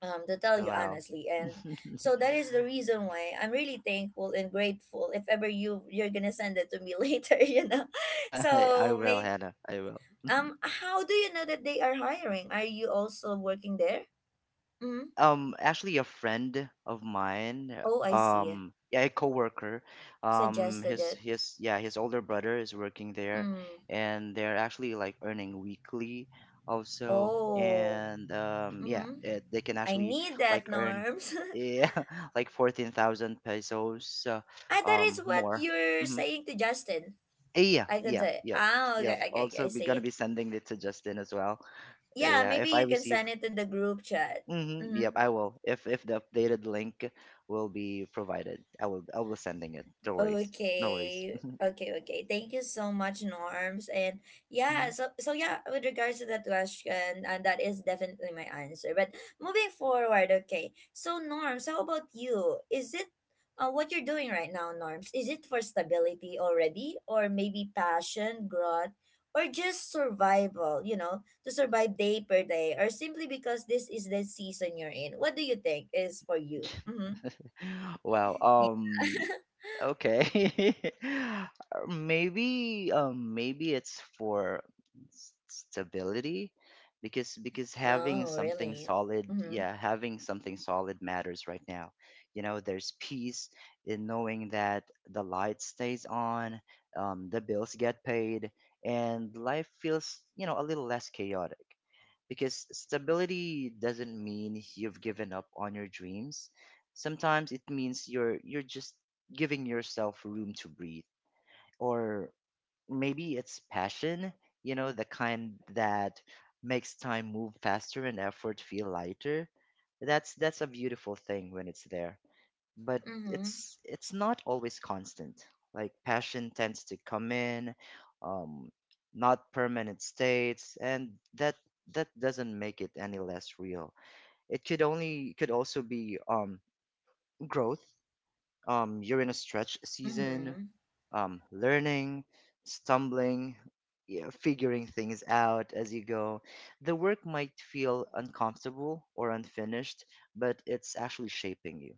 [SPEAKER 1] um, to tell you
[SPEAKER 2] Wow.
[SPEAKER 1] honestly. And
[SPEAKER 2] <laughs>
[SPEAKER 1] so that is the reason why I'm really thankful and grateful if ever you're gonna send it to me <laughs> later,
[SPEAKER 2] I
[SPEAKER 1] so
[SPEAKER 2] will,
[SPEAKER 1] may.
[SPEAKER 2] Hannah. I will.
[SPEAKER 1] How do you know that they are hiring? Are you also working there? Mm-hmm.
[SPEAKER 2] Actually, a friend of mine,
[SPEAKER 1] Oh, I see.
[SPEAKER 2] yeah, a coworker,
[SPEAKER 1] Suggested it.
[SPEAKER 2] his yeah, his older brother is working there,
[SPEAKER 1] Mm.
[SPEAKER 2] and they're actually like earning weekly also.
[SPEAKER 1] Oh.
[SPEAKER 2] And yeah,
[SPEAKER 1] Mm-hmm.
[SPEAKER 2] they can
[SPEAKER 1] I
[SPEAKER 2] actually
[SPEAKER 1] need
[SPEAKER 2] like
[SPEAKER 1] that,
[SPEAKER 2] earn,
[SPEAKER 1] Norms. <laughs>
[SPEAKER 2] yeah, <laughs> like 14,000 pesos,
[SPEAKER 1] Ah, that is what
[SPEAKER 2] more.
[SPEAKER 1] you're
[SPEAKER 2] Hmm.
[SPEAKER 1] saying to Justin,
[SPEAKER 2] yeah
[SPEAKER 1] I could
[SPEAKER 2] yeah
[SPEAKER 1] say.
[SPEAKER 2] yeah
[SPEAKER 1] Ah,
[SPEAKER 2] Yeah,
[SPEAKER 1] okay, okay, okay, I
[SPEAKER 2] also be
[SPEAKER 1] see.
[SPEAKER 2] gonna be sending it to Justin as well.
[SPEAKER 1] Yeah,
[SPEAKER 2] Yeah,
[SPEAKER 1] maybe
[SPEAKER 2] if I
[SPEAKER 1] you can
[SPEAKER 2] receive.
[SPEAKER 1] send it to the group chat.
[SPEAKER 2] Mm-hmm.
[SPEAKER 1] Mm-hmm.
[SPEAKER 2] Yep, I will. If the updated link will be provided, I will sending it. No worries. No worries.
[SPEAKER 1] Okay,
[SPEAKER 2] <laughs>
[SPEAKER 1] okay, okay. Thank you so much, Norms. And yeah,
[SPEAKER 2] Hmm.
[SPEAKER 1] so yeah, with regards to that question, and that is definitely my answer. But moving forward, okay. So Norms, how about you? Is it, what you're doing right now, Norms? Is it for stability already, or maybe passion, growth, or just survival? You know, to survive day per day, or simply because this is the season you're in. What do you think is for you? Mm-hmm.
[SPEAKER 2] <laughs> Wow.
[SPEAKER 1] Yeah.
[SPEAKER 2] Okay. <laughs> Maybe it's for stability, because having
[SPEAKER 1] Oh,
[SPEAKER 2] something
[SPEAKER 1] really?
[SPEAKER 2] solid,
[SPEAKER 1] Mm-hmm.
[SPEAKER 2] yeah, having something solid matters right now. You know, there's peace in knowing that the light stays on, the bills get paid, and life feels, you know, a little less chaotic. Because stability doesn't mean you've given up on your dreams. Sometimes it means you're just giving yourself room to breathe. Or maybe it's passion, you know, the kind that makes time move faster and effort feel lighter. That's a beautiful thing when it's there. But
[SPEAKER 1] Mm-hmm.
[SPEAKER 2] it's it's not always constant. Like passion tends to come in, um, not permanent states, and that doesn't make it any less real. It could only could also be growth. You're in a stretch season,
[SPEAKER 1] Mm-hmm.
[SPEAKER 2] learning, stumbling, yeah, figuring things out as you go. The work might feel uncomfortable or unfinished, but it's actually shaping you.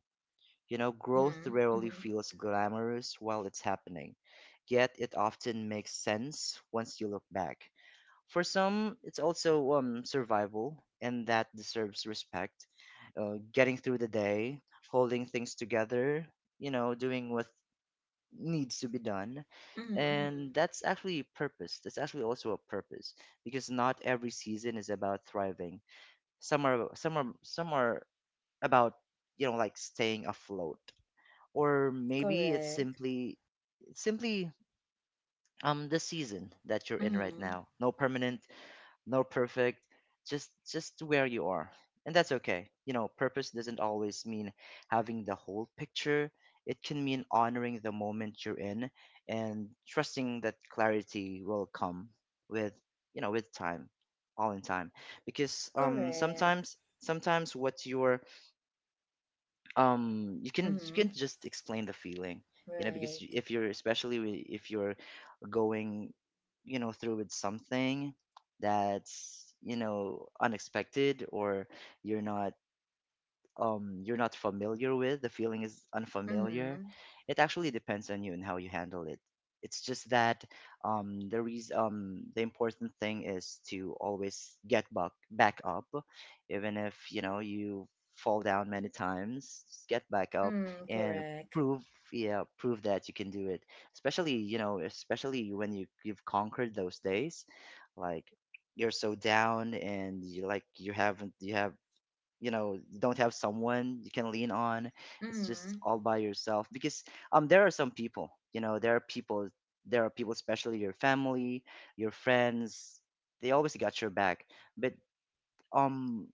[SPEAKER 2] You know, growth
[SPEAKER 1] Mm-hmm.
[SPEAKER 2] rarely
[SPEAKER 1] Mm-hmm.
[SPEAKER 2] feels glamorous while it's happening, yet it often makes sense once you look back. For some, it's also survival, and that deserves respect. Getting through the day, holding things together, you know, doing what needs to be done.
[SPEAKER 1] Mm-hmm. Mm-hmm.
[SPEAKER 2] And that's actually also a purpose, because not every season is about thriving. Some are about, you know, like staying afloat. Or maybe it's
[SPEAKER 1] Correct.
[SPEAKER 2] simply the season that you're in right
[SPEAKER 1] Mm-hmm.
[SPEAKER 2] now. No permanent, no perfect, just where you are. And that's okay. You know, purpose doesn't always mean having the whole picture. It can mean honoring the moment you're in and trusting that clarity will come with, you know, with time, all in time. Because
[SPEAKER 1] Correct.
[SPEAKER 2] sometimes what you're, you can, you can
[SPEAKER 1] Mm-hmm.
[SPEAKER 2] just explain the feeling, you know. Because
[SPEAKER 1] Right.
[SPEAKER 2] if you're going, you know, through with something that's, you know, unexpected, or you're not, you're not familiar with, the feeling is unfamiliar,
[SPEAKER 1] Mm-hmm.
[SPEAKER 2] it actually depends on you and how you handle it. It's just that um, the important thing is to always get back up, even if, you know, you fall down many times, just get back up
[SPEAKER 1] Mm-hmm.
[SPEAKER 2] and
[SPEAKER 1] Correct.
[SPEAKER 2] prove, yeah, prove that you can do it. Especially, you know, especially when you've conquered those days, like you're so down and you, like, you haven't you have, you know, you don't have someone you can lean on. It's
[SPEAKER 1] Mm-hmm.
[SPEAKER 2] just all by yourself, because there are some people, you know, there are people, especially your family, your friends, they always got your back. But um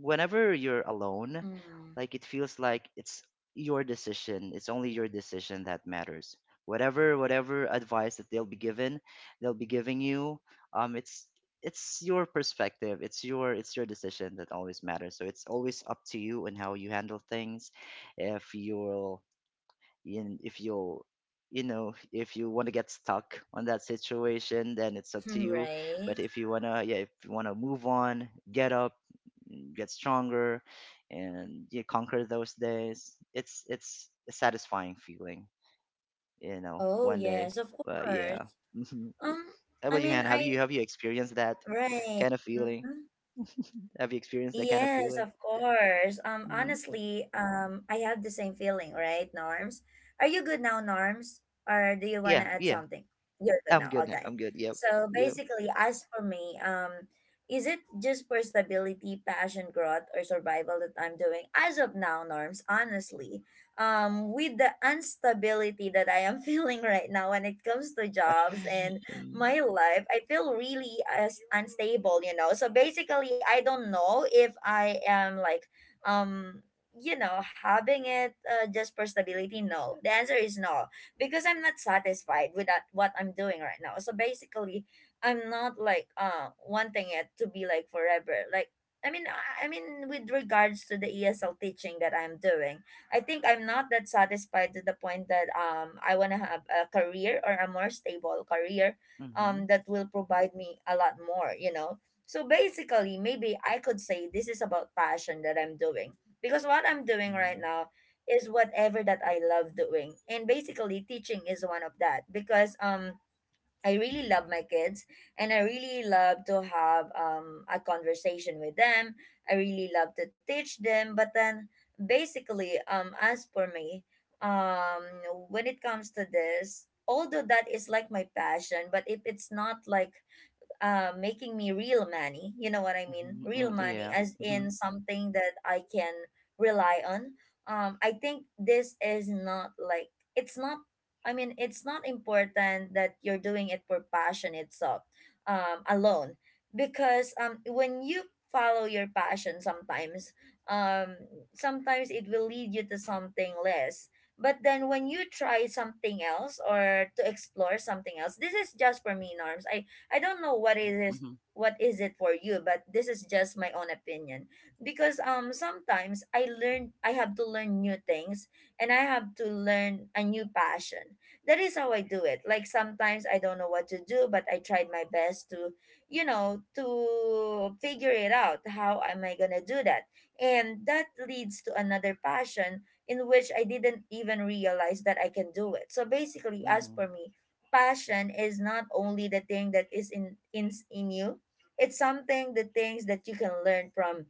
[SPEAKER 2] whenever you're alone,
[SPEAKER 1] Mm-hmm.
[SPEAKER 2] like,
[SPEAKER 1] <laughs>
[SPEAKER 2] it feels like it's your decision. It's only your decision that matters. Whatever advice that they'll be giving you. Um, it's it's your perspective. It's your decision that always matters. So it's always up to you and how you handle things. If you'll if you'll, you know, if you want to get stuck on that situation, then it's up to you.
[SPEAKER 1] Right.
[SPEAKER 2] But if you want to, yeah, if you want to move on, get up and get stronger, and you conquer those days, it's a satisfying feeling, you know,
[SPEAKER 1] Oh
[SPEAKER 2] one day.
[SPEAKER 1] yes, of
[SPEAKER 2] But yeah.
[SPEAKER 1] course.
[SPEAKER 2] Mhm.
[SPEAKER 1] Um,
[SPEAKER 2] How
[SPEAKER 1] I
[SPEAKER 2] about you,
[SPEAKER 1] mean,
[SPEAKER 2] Hannah?
[SPEAKER 1] I
[SPEAKER 2] Have you experienced that
[SPEAKER 1] right.
[SPEAKER 2] kind of feeling?
[SPEAKER 1] Mm-hmm.
[SPEAKER 2] Have you experienced that kind of
[SPEAKER 1] Yes,
[SPEAKER 2] feeling?
[SPEAKER 1] of course.
[SPEAKER 2] Mm.
[SPEAKER 1] Honestly, I have the same feeling, right, Norms? Are you good now, Norms? Or do
[SPEAKER 2] Eh,
[SPEAKER 1] you want
[SPEAKER 2] yeah,
[SPEAKER 1] to add
[SPEAKER 2] yeah.
[SPEAKER 1] something? You're good now. Okay.
[SPEAKER 2] I'm good. Yep.
[SPEAKER 1] So
[SPEAKER 2] Yep.
[SPEAKER 1] basically, as for me, is it just for stability, passion, growth, or survival that I'm doing? As of now, Norms, honestly, with the instability that I am <laughs> feeling right now when it comes to jobs and
[SPEAKER 2] <laughs>
[SPEAKER 1] my life, I feel really as unstable, you know. So basically, I don't know if I am like, um, you know, having it, just for stability. No, the answer is no, because I'm not satisfied with that what I'm doing right now. So basically, I'm not like wanting it to be like forever. Like I mean, I mean, with regards to the ESL teaching that I'm doing, I think I'm not that satisfied to the point that I want to have a career or a more stable career
[SPEAKER 2] Mm-hmm.
[SPEAKER 1] that will provide me a lot more, you know. So basically, maybe I could say this is about passion that I'm doing, because what I'm doing right
[SPEAKER 2] Mm-hmm.
[SPEAKER 1] now is whatever that I love doing. And basically, teaching is one of that because I really love my kids, and I really love to have, a conversation with them. I really love to teach them. But then basically, as for me, um, when it comes to this, although that is like my passion, but if it's not like, making me real money. You know what I mean? Real
[SPEAKER 2] Mm.
[SPEAKER 1] money,
[SPEAKER 2] Yeah.
[SPEAKER 1] as
[SPEAKER 2] Mm-hmm.
[SPEAKER 1] in something that I can rely on. I think this is not like it's not. I mean, it's not important that you're doing it for passion itself, alone, because when you follow your passion, sometimes, um, sometimes it will lead you to something less. But then when you try something else or to explore something else, this is just for me, Norms. I don't know what it is,
[SPEAKER 2] Mm-hmm.
[SPEAKER 1] what is it for you, but this is just my own opinion. Because sometimes I have to learn new things, and I have to learn a new passion. That is how I do it. Like sometimes I don't know what to do, but I tried my best to, you know, to figure it out. How am I gonna do that? And that leads to another passion in which I didn't even realize that I can do it. So basically, as for
[SPEAKER 2] Mm-hmm.
[SPEAKER 1] me, passion is not only the thing that is in you, it's something, the things that you can learn from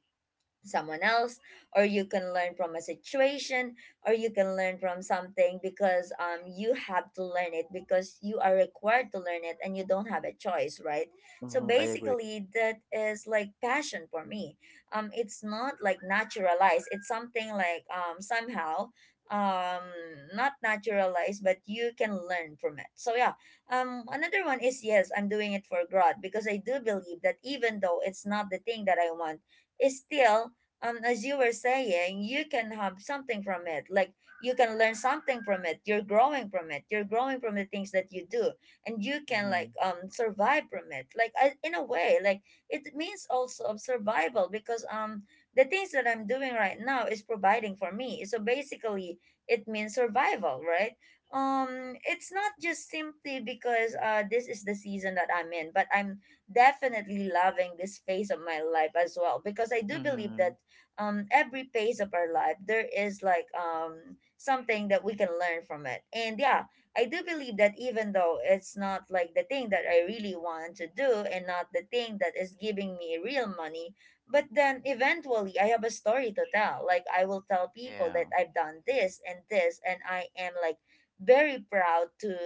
[SPEAKER 1] someone else, or you can learn from a situation, or you can learn from something, because you have to learn it because you are required to learn it and you don't have a choice, right? So
[SPEAKER 2] Mm-hmm. I agree.
[SPEAKER 1] basically, that is like passion for me. Um, it's not like naturalized, it's something like somehow, um, not naturalized, but you can learn from it, so yeah. Um, another one is, yes, I'm doing it for God, because I do believe that even though it's not the thing that I want, is still, as you were saying, you can have something from it. Like you can learn something from it. You're growing from it. You're growing from the things that you do, and you can
[SPEAKER 2] Mm-hmm.
[SPEAKER 1] like survive from it. Like I, in a way, like it means also of survival, because the things that I'm doing right now is providing for me. So basically, it means survival, right? It's not just simply because this is the season that I'm in, but I'm definitely loving this phase of my life as well, because I do believe
[SPEAKER 2] Mm-hmm.
[SPEAKER 1] that every phase of our life there is like something that we can learn from it. And yeah, I do believe that even though it's not like the thing that I really want to do and not the thing that is giving me real money, but then eventually I have a story to tell. Like I will tell people that
[SPEAKER 2] Yeah.
[SPEAKER 1] I've done this and this, and I am like very proud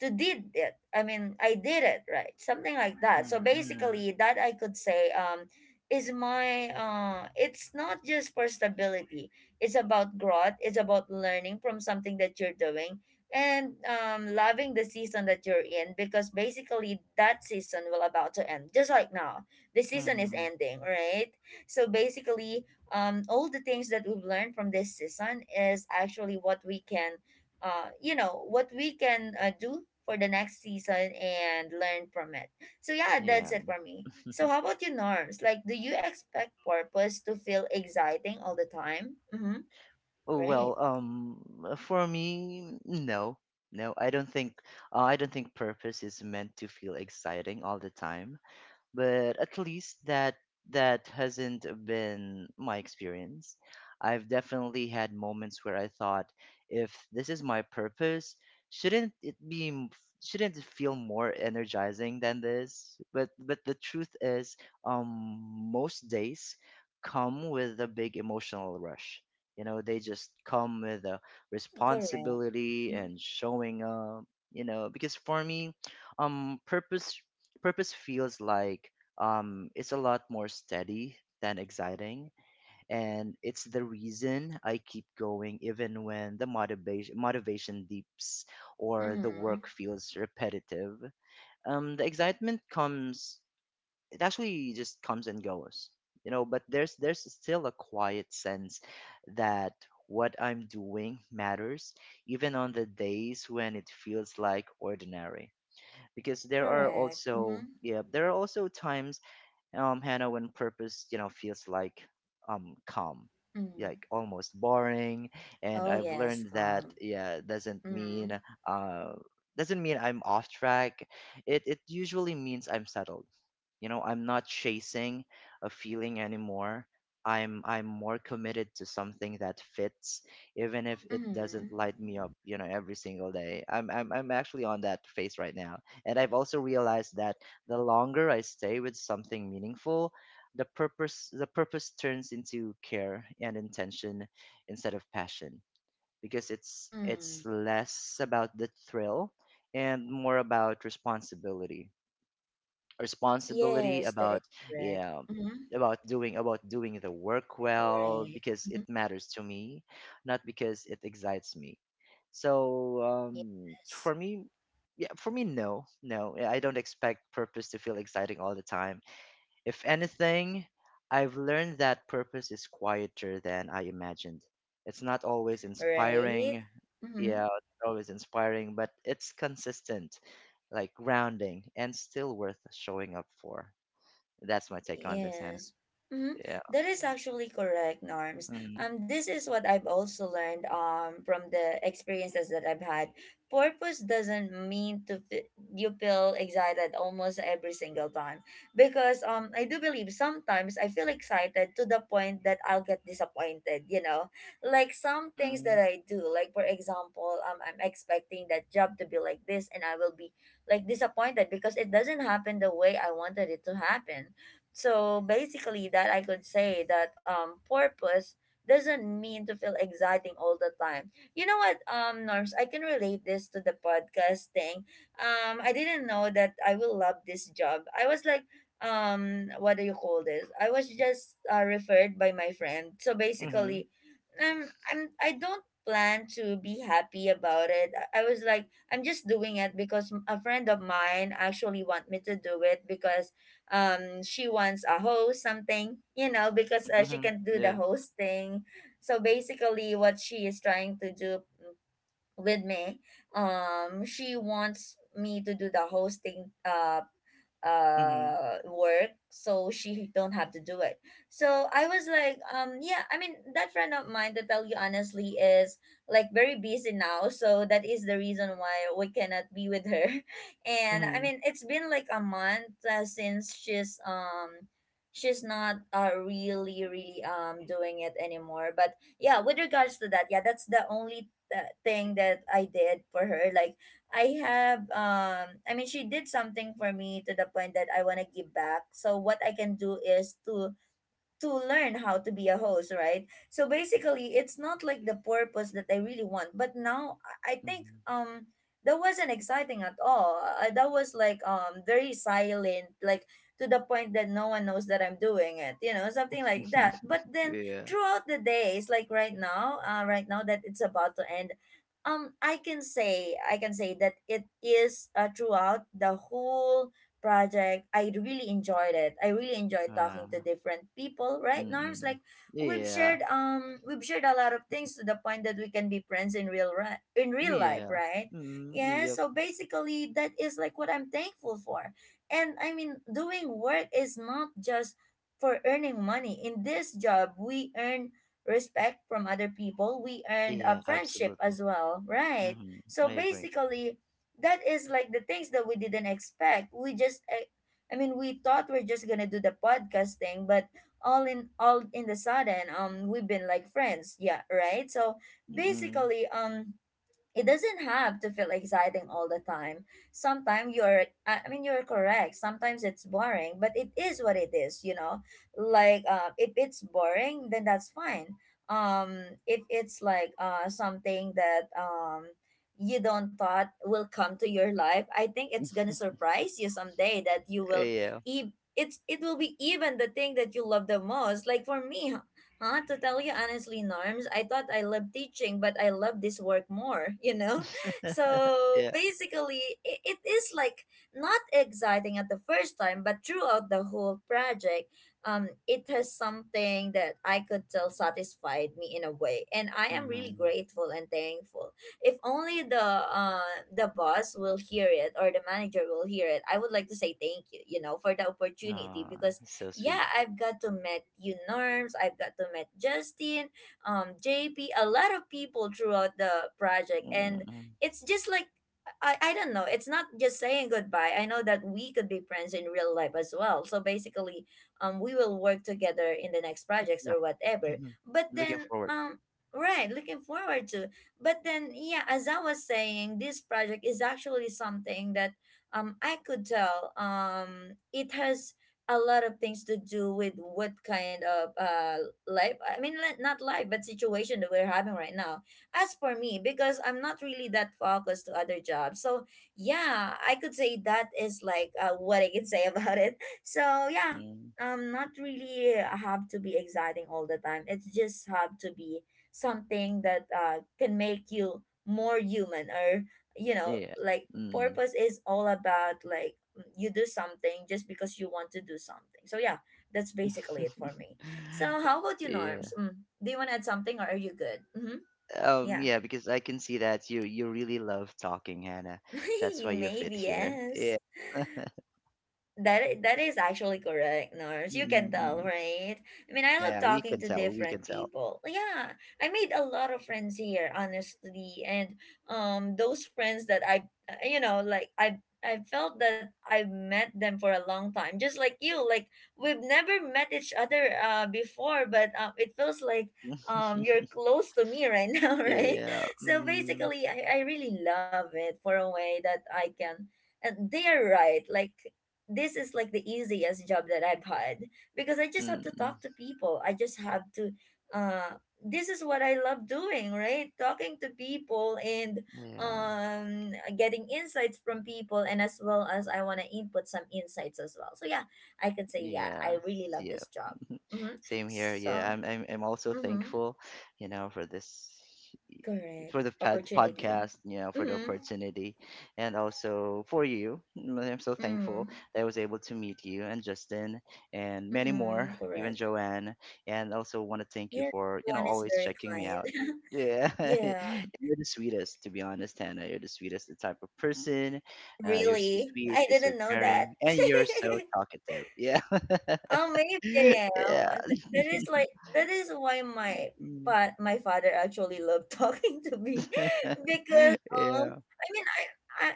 [SPEAKER 1] to did it, I mean I did it, right? Something like that. So
[SPEAKER 2] Mm-hmm. Mm-hmm.
[SPEAKER 1] basically, that I could say is my, uh, it's not just for stability, it's about growth, it's about learning from something that you're doing, and loving the season that you're in, because basically that season will about to end, just like now the season is
[SPEAKER 2] Mm-hmm.
[SPEAKER 1] ending, right? So basically, all the things that we've learned from this season is actually what we can, uh, you know, what we can, do for the next season and learn from it. So yeah,
[SPEAKER 2] Yeah.
[SPEAKER 1] that's it for me. So how about you, Norms? Like, do you expect purpose to feel exciting all the time? Mm-hmm.
[SPEAKER 2] Oh,
[SPEAKER 1] Right.
[SPEAKER 2] well, for me, no, no, I don't think, I don't think purpose is meant to feel exciting all the time, but at least that that hasn't been my experience. I've definitely had moments where I thought, if this is my purpose, shouldn't it be m- shouldn't it feel more energizing than this? But the truth is, um, most days come with a big emotional rush. You know, they just come with a
[SPEAKER 1] Correct.
[SPEAKER 2] responsibility and showing up. You know, because for me, um, purpose purpose feels like, it's a lot more steady than exciting, and it's the reason I keep going even when the motivation dips or the
[SPEAKER 1] Mm-hmm.
[SPEAKER 2] work feels repetitive. The excitement comes, it actually just comes and goes, you know, but there's still a quiet sense that what I'm doing matters even on the days when it feels like ordinary. Because there are
[SPEAKER 1] Correct.
[SPEAKER 2] also,
[SPEAKER 1] Mm-hmm.
[SPEAKER 2] yeah, there are also times, Hannah, when purpose, you know, feels like, calm,
[SPEAKER 1] Mm-hmm.
[SPEAKER 2] like almost boring, and
[SPEAKER 1] Oh,
[SPEAKER 2] I've
[SPEAKER 1] yes,
[SPEAKER 2] learned that,
[SPEAKER 1] calm.
[SPEAKER 2] yeah, doesn't
[SPEAKER 1] Mm-hmm.
[SPEAKER 2] mean, uh doesn't mean I'm off track. It usually means I'm settled. You know, I'm not chasing a feeling anymore. I'm more committed to something that fits, even if it
[SPEAKER 1] Mm-hmm.
[SPEAKER 2] doesn't light me up, you know, every single day. I'm actually on that phase right now. And I've also realized that the longer I stay with something meaningful, the purpose turns into care and intention instead of passion, because it's
[SPEAKER 1] Mm-hmm.
[SPEAKER 2] less about the thrill and more about responsibility. Responsibility
[SPEAKER 1] Yes, that is
[SPEAKER 2] about,
[SPEAKER 1] correct.
[SPEAKER 2] yeah,
[SPEAKER 1] Mm-hmm.
[SPEAKER 2] about doing the work well
[SPEAKER 1] Right.
[SPEAKER 2] because it
[SPEAKER 1] Mm-hmm.
[SPEAKER 2] matters to me, not because it excites me. So
[SPEAKER 1] Yes.
[SPEAKER 2] for me, yeah, for me, no, no, I don't expect purpose to feel exciting all the time. If anything, I've learned that purpose is quieter than I imagined. It's not always
[SPEAKER 1] Right?
[SPEAKER 2] inspiring.
[SPEAKER 1] Mm-hmm.
[SPEAKER 2] Yeah, it's not always inspiring, but it's consistent, like grounding, and still worth showing up for. That's my take on this, Hannah.
[SPEAKER 1] Yes. Mhm.
[SPEAKER 2] Yeah.
[SPEAKER 1] That is actually correct, Norms.
[SPEAKER 2] Mm-hmm.
[SPEAKER 1] This is what I've also learned from the experiences that I've had. Purpose doesn't mean to f- you feel excited almost every single time, because I do believe sometimes I feel excited to the point that I'll get disappointed. You know, like some things that I do, like for example, I'm expecting that job to be like this, and I will be like disappointed because it doesn't happen the way I wanted it to happen. So basically, that I could say that purpose doesn't mean to feel exciting all the time. You know what, Norms, I can relate this to the podcast thing. I didn't know that I will love this job. I was like, what do you call this? I was just, referred by my friend. So
[SPEAKER 2] Mm-hmm.
[SPEAKER 1] basically, I don't plan to be happy about it. I was like, I'm just doing it because a friend of mine actually want me to do it, because she wants a host something, you know,
[SPEAKER 2] Hmm.
[SPEAKER 1] because, she
[SPEAKER 2] Hmm.
[SPEAKER 1] can do the
[SPEAKER 2] Yeah.
[SPEAKER 1] host thing. So basically what she is trying to do with me. She wants me to do the hosting uh
[SPEAKER 2] Hmm.
[SPEAKER 1] uh work so she don't have to do it. So I was like yeah, I mean that friend of mine, to tell you honestly, is like very busy now, so that is the reason why we cannot be with her <laughs> and I
[SPEAKER 2] Hmm.
[SPEAKER 1] mean, it's been like a month, since she's not, uh, really doing it anymore. But yeah, with regards to that, yeah, that's the only, that thing that I did for her. Like I have I mean she did something for me to the point that I want to give back. So what I can do is to learn how to be a host, right? So basically, it's not like the purpose that I really want. But now I think
[SPEAKER 2] Hmm.
[SPEAKER 1] that wasn't exciting at all. That was like very silent, like to the point that no one knows that I'm doing it, you know, something like that.
[SPEAKER 2] <laughs>
[SPEAKER 1] But then
[SPEAKER 2] Yeah.
[SPEAKER 1] throughout the days, like right now, right now that it's about to end, I can say that it is, throughout the whole project, I really enjoyed it. I really enjoyed
[SPEAKER 2] Uh,
[SPEAKER 1] talking to different people, right, Norms?
[SPEAKER 2] mm-mm.
[SPEAKER 1] Like
[SPEAKER 2] Yeah.
[SPEAKER 1] we've shared a lot of things to the point that we can be friends in real in real life,
[SPEAKER 2] Yeah.
[SPEAKER 1] right?
[SPEAKER 2] Mm,
[SPEAKER 1] Yeah,
[SPEAKER 2] yep.
[SPEAKER 1] so basically that is like what I'm thankful for. And I mean, doing work is not just for earning money. In this job, we earn respect from other people. We earned a
[SPEAKER 2] Yeah,
[SPEAKER 1] friendship
[SPEAKER 2] absolutely.
[SPEAKER 1] as well, right?
[SPEAKER 2] Mhm,
[SPEAKER 1] So
[SPEAKER 2] I agree.
[SPEAKER 1] basically, that is like the things that we didn't expect. We thought we're just gonna do the podcast thing, but all, in the sudden, we've been like friends, yeah, right. So
[SPEAKER 2] Mm.
[SPEAKER 1] basically, it doesn't have to feel exciting all the time. Sometimes you're, I mean, you're correct. Sometimes it's boring, but it is what it is, you know? Like, if it's boring, then that's fine. If it's like something that you don't thought will come to your life, I think it's gonna
[SPEAKER 2] <laughs>
[SPEAKER 1] surprise you someday that
[SPEAKER 2] Yeah.
[SPEAKER 1] it will be even the thing that you love the most. Like for me, huh? To tell you honestly, Norms, I thought I loved teaching, but I love this work more, <laughs> you know?
[SPEAKER 2] <laughs>
[SPEAKER 1] So
[SPEAKER 2] Yeah.
[SPEAKER 1] basically, it is like not exciting at the first time, but throughout the whole project, it has something that I could tell satisfied me in a way. And I am really
[SPEAKER 2] Mhm.
[SPEAKER 1] grateful and thankful. If only the boss will hear it or the manager will hear it, I would like to say thank you, you know, for the opportunity
[SPEAKER 2] Aw,
[SPEAKER 1] because
[SPEAKER 2] so sweet.
[SPEAKER 1] yeah, I've got to meet you, Norms, I've got to meet Justin, JP, a lot of people throughout the project. And
[SPEAKER 2] Mm.
[SPEAKER 1] it's just like I don't know, it's not just saying goodbye. I know that we could be friends in real life as well. So basically, we will work together in the next projects
[SPEAKER 2] Yeah.
[SPEAKER 1] or whatever.
[SPEAKER 2] Mhm.
[SPEAKER 1] But
[SPEAKER 2] Looking
[SPEAKER 1] then
[SPEAKER 2] forward.
[SPEAKER 1] right, looking forward to but then yeah, as I was saying, this project is actually something that I could tell it has a lot of things to do with what kind of life I mean li- not life but situation that we're having right now. As for me, because I'm not really that focused to other jobs. So yeah, I could say that is like what I can say <laughs> about it. So yeah,
[SPEAKER 2] Mm.
[SPEAKER 1] not really have to be exciting all the time, it's just have to be something that can make you more human or you know,
[SPEAKER 2] Yeah.
[SPEAKER 1] like
[SPEAKER 2] Mm.
[SPEAKER 1] purpose is all about like you do something just because you want to do something. So yeah, that's basically it for me.
[SPEAKER 2] <laughs>
[SPEAKER 1] So how about you,
[SPEAKER 2] Yeah.
[SPEAKER 1] Norms? Mm. Do you want to add something or are you good? Mm-hmm. Yeah.
[SPEAKER 2] Yeah, because I can see that you really love talking, Hannah. That's
[SPEAKER 1] <laughs>
[SPEAKER 2] why you
[SPEAKER 1] Maybe
[SPEAKER 2] fit here.
[SPEAKER 1] yes.
[SPEAKER 2] Yeah. <laughs>
[SPEAKER 1] That is actually correct, Nars. You can tell,
[SPEAKER 2] Mm.
[SPEAKER 1] right? I mean, I love
[SPEAKER 2] Yeah, we
[SPEAKER 1] talking
[SPEAKER 2] can
[SPEAKER 1] to
[SPEAKER 2] tell. We
[SPEAKER 1] different
[SPEAKER 2] can tell.
[SPEAKER 1] people. Yeah, I made a lot of friends here, honestly, and those friends that you know, like I felt that I met them for a long time, just like you. Like we've never met each other before, but it feels like you're
[SPEAKER 2] <laughs>
[SPEAKER 1] close to me right <laughs> now, right?
[SPEAKER 2] Yeah.
[SPEAKER 1] So
[SPEAKER 2] Mm.
[SPEAKER 1] basically, I really love it for a way that I can and they are right like this is like the easiest job that I've had because I just have to
[SPEAKER 2] Mm.
[SPEAKER 1] talk to people. I just have to this is what I love doing, right? Talking to people and
[SPEAKER 2] Yeah.
[SPEAKER 1] getting insights from people and as well as I want to input some insights as well. So yeah, I could say yeah, I
[SPEAKER 2] Yes.
[SPEAKER 1] really love
[SPEAKER 2] Yes.
[SPEAKER 1] this job. Mm-hmm.
[SPEAKER 2] Same here. Yeah,
[SPEAKER 1] So,
[SPEAKER 2] I'm also
[SPEAKER 1] mm-hmm,
[SPEAKER 2] thankful, you know, for this
[SPEAKER 1] correct.
[SPEAKER 2] for the
[SPEAKER 1] Opportunity.
[SPEAKER 2] podcast, you know, for the
[SPEAKER 1] Mm-hmm.
[SPEAKER 2] opportunity and also for you. Mm, I'm so thankful
[SPEAKER 1] Mm-hmm.
[SPEAKER 2] that I was able to meet you and Justin and many more,
[SPEAKER 1] Mm-hmm.
[SPEAKER 2] even
[SPEAKER 1] Correct.
[SPEAKER 2] Joanne, and also want to thank you
[SPEAKER 1] Yes,
[SPEAKER 2] for, you
[SPEAKER 1] one
[SPEAKER 2] know,
[SPEAKER 1] is
[SPEAKER 2] always
[SPEAKER 1] very
[SPEAKER 2] checking
[SPEAKER 1] kind.
[SPEAKER 2] me out.
[SPEAKER 1] <laughs>
[SPEAKER 2] Yeah, <laughs>
[SPEAKER 1] Yeah.
[SPEAKER 2] you're the sweetest, to be honest, Hannah. You're the sweetest type of person. You're so
[SPEAKER 1] Really?
[SPEAKER 2] sweet,
[SPEAKER 1] I
[SPEAKER 2] you're so
[SPEAKER 1] didn't know
[SPEAKER 2] caring,
[SPEAKER 1] that.
[SPEAKER 2] and you're so
[SPEAKER 1] <laughs>
[SPEAKER 2] talkative. Yeah,
[SPEAKER 1] Oh, maybe I
[SPEAKER 2] <laughs>
[SPEAKER 1] am.
[SPEAKER 2] yeah.
[SPEAKER 1] That is
[SPEAKER 2] <laughs>
[SPEAKER 1] like that is why my
[SPEAKER 2] Mm.
[SPEAKER 1] but my father actually loved <laughs> talking to me
[SPEAKER 2] <laughs>
[SPEAKER 1] because
[SPEAKER 2] Yeah.
[SPEAKER 1] I mean,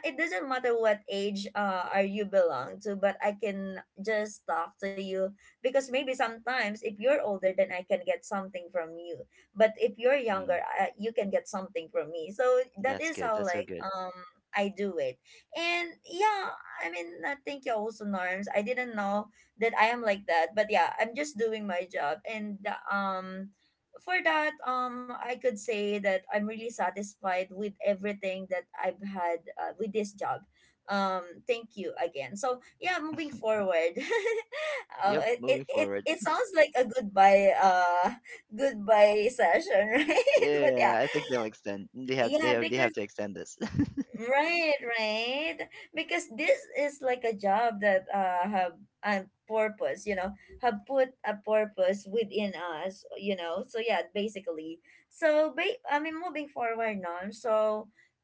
[SPEAKER 1] it doesn't matter what age are you belong to, but I can just talk to you, because maybe sometimes if you're older, then I can get something from you, but if you're
[SPEAKER 2] Mm,
[SPEAKER 1] younger, you can get something from me. So that
[SPEAKER 2] that's
[SPEAKER 1] is
[SPEAKER 2] good.
[SPEAKER 1] how
[SPEAKER 2] That's so
[SPEAKER 1] like
[SPEAKER 2] good.
[SPEAKER 1] I do it. And yeah, I mean, thank you also, Norms. I didn't know that I am like that, but yeah, I'm just doing my job. And um for that, I could say that I'm really satisfied with everything that I've had with this job. Thank you again. So yeah, moving
[SPEAKER 2] <laughs>
[SPEAKER 1] forward, <laughs>
[SPEAKER 2] Yep.
[SPEAKER 1] it, it
[SPEAKER 2] Moving
[SPEAKER 1] it
[SPEAKER 2] forward.
[SPEAKER 1] it sounds like a goodbye <laughs> goodbye session, <laughs> right? But
[SPEAKER 2] Yeah,
[SPEAKER 1] yeah,
[SPEAKER 2] I think they'll extend. They have. They
[SPEAKER 1] yeah,
[SPEAKER 2] have. They have
[SPEAKER 1] because
[SPEAKER 2] to extend this. <laughs>
[SPEAKER 1] right, right. Because this is like a job that have a purpose, you know, have put a purpose within us, you know. So yeah, basically. I mean moving forward now. So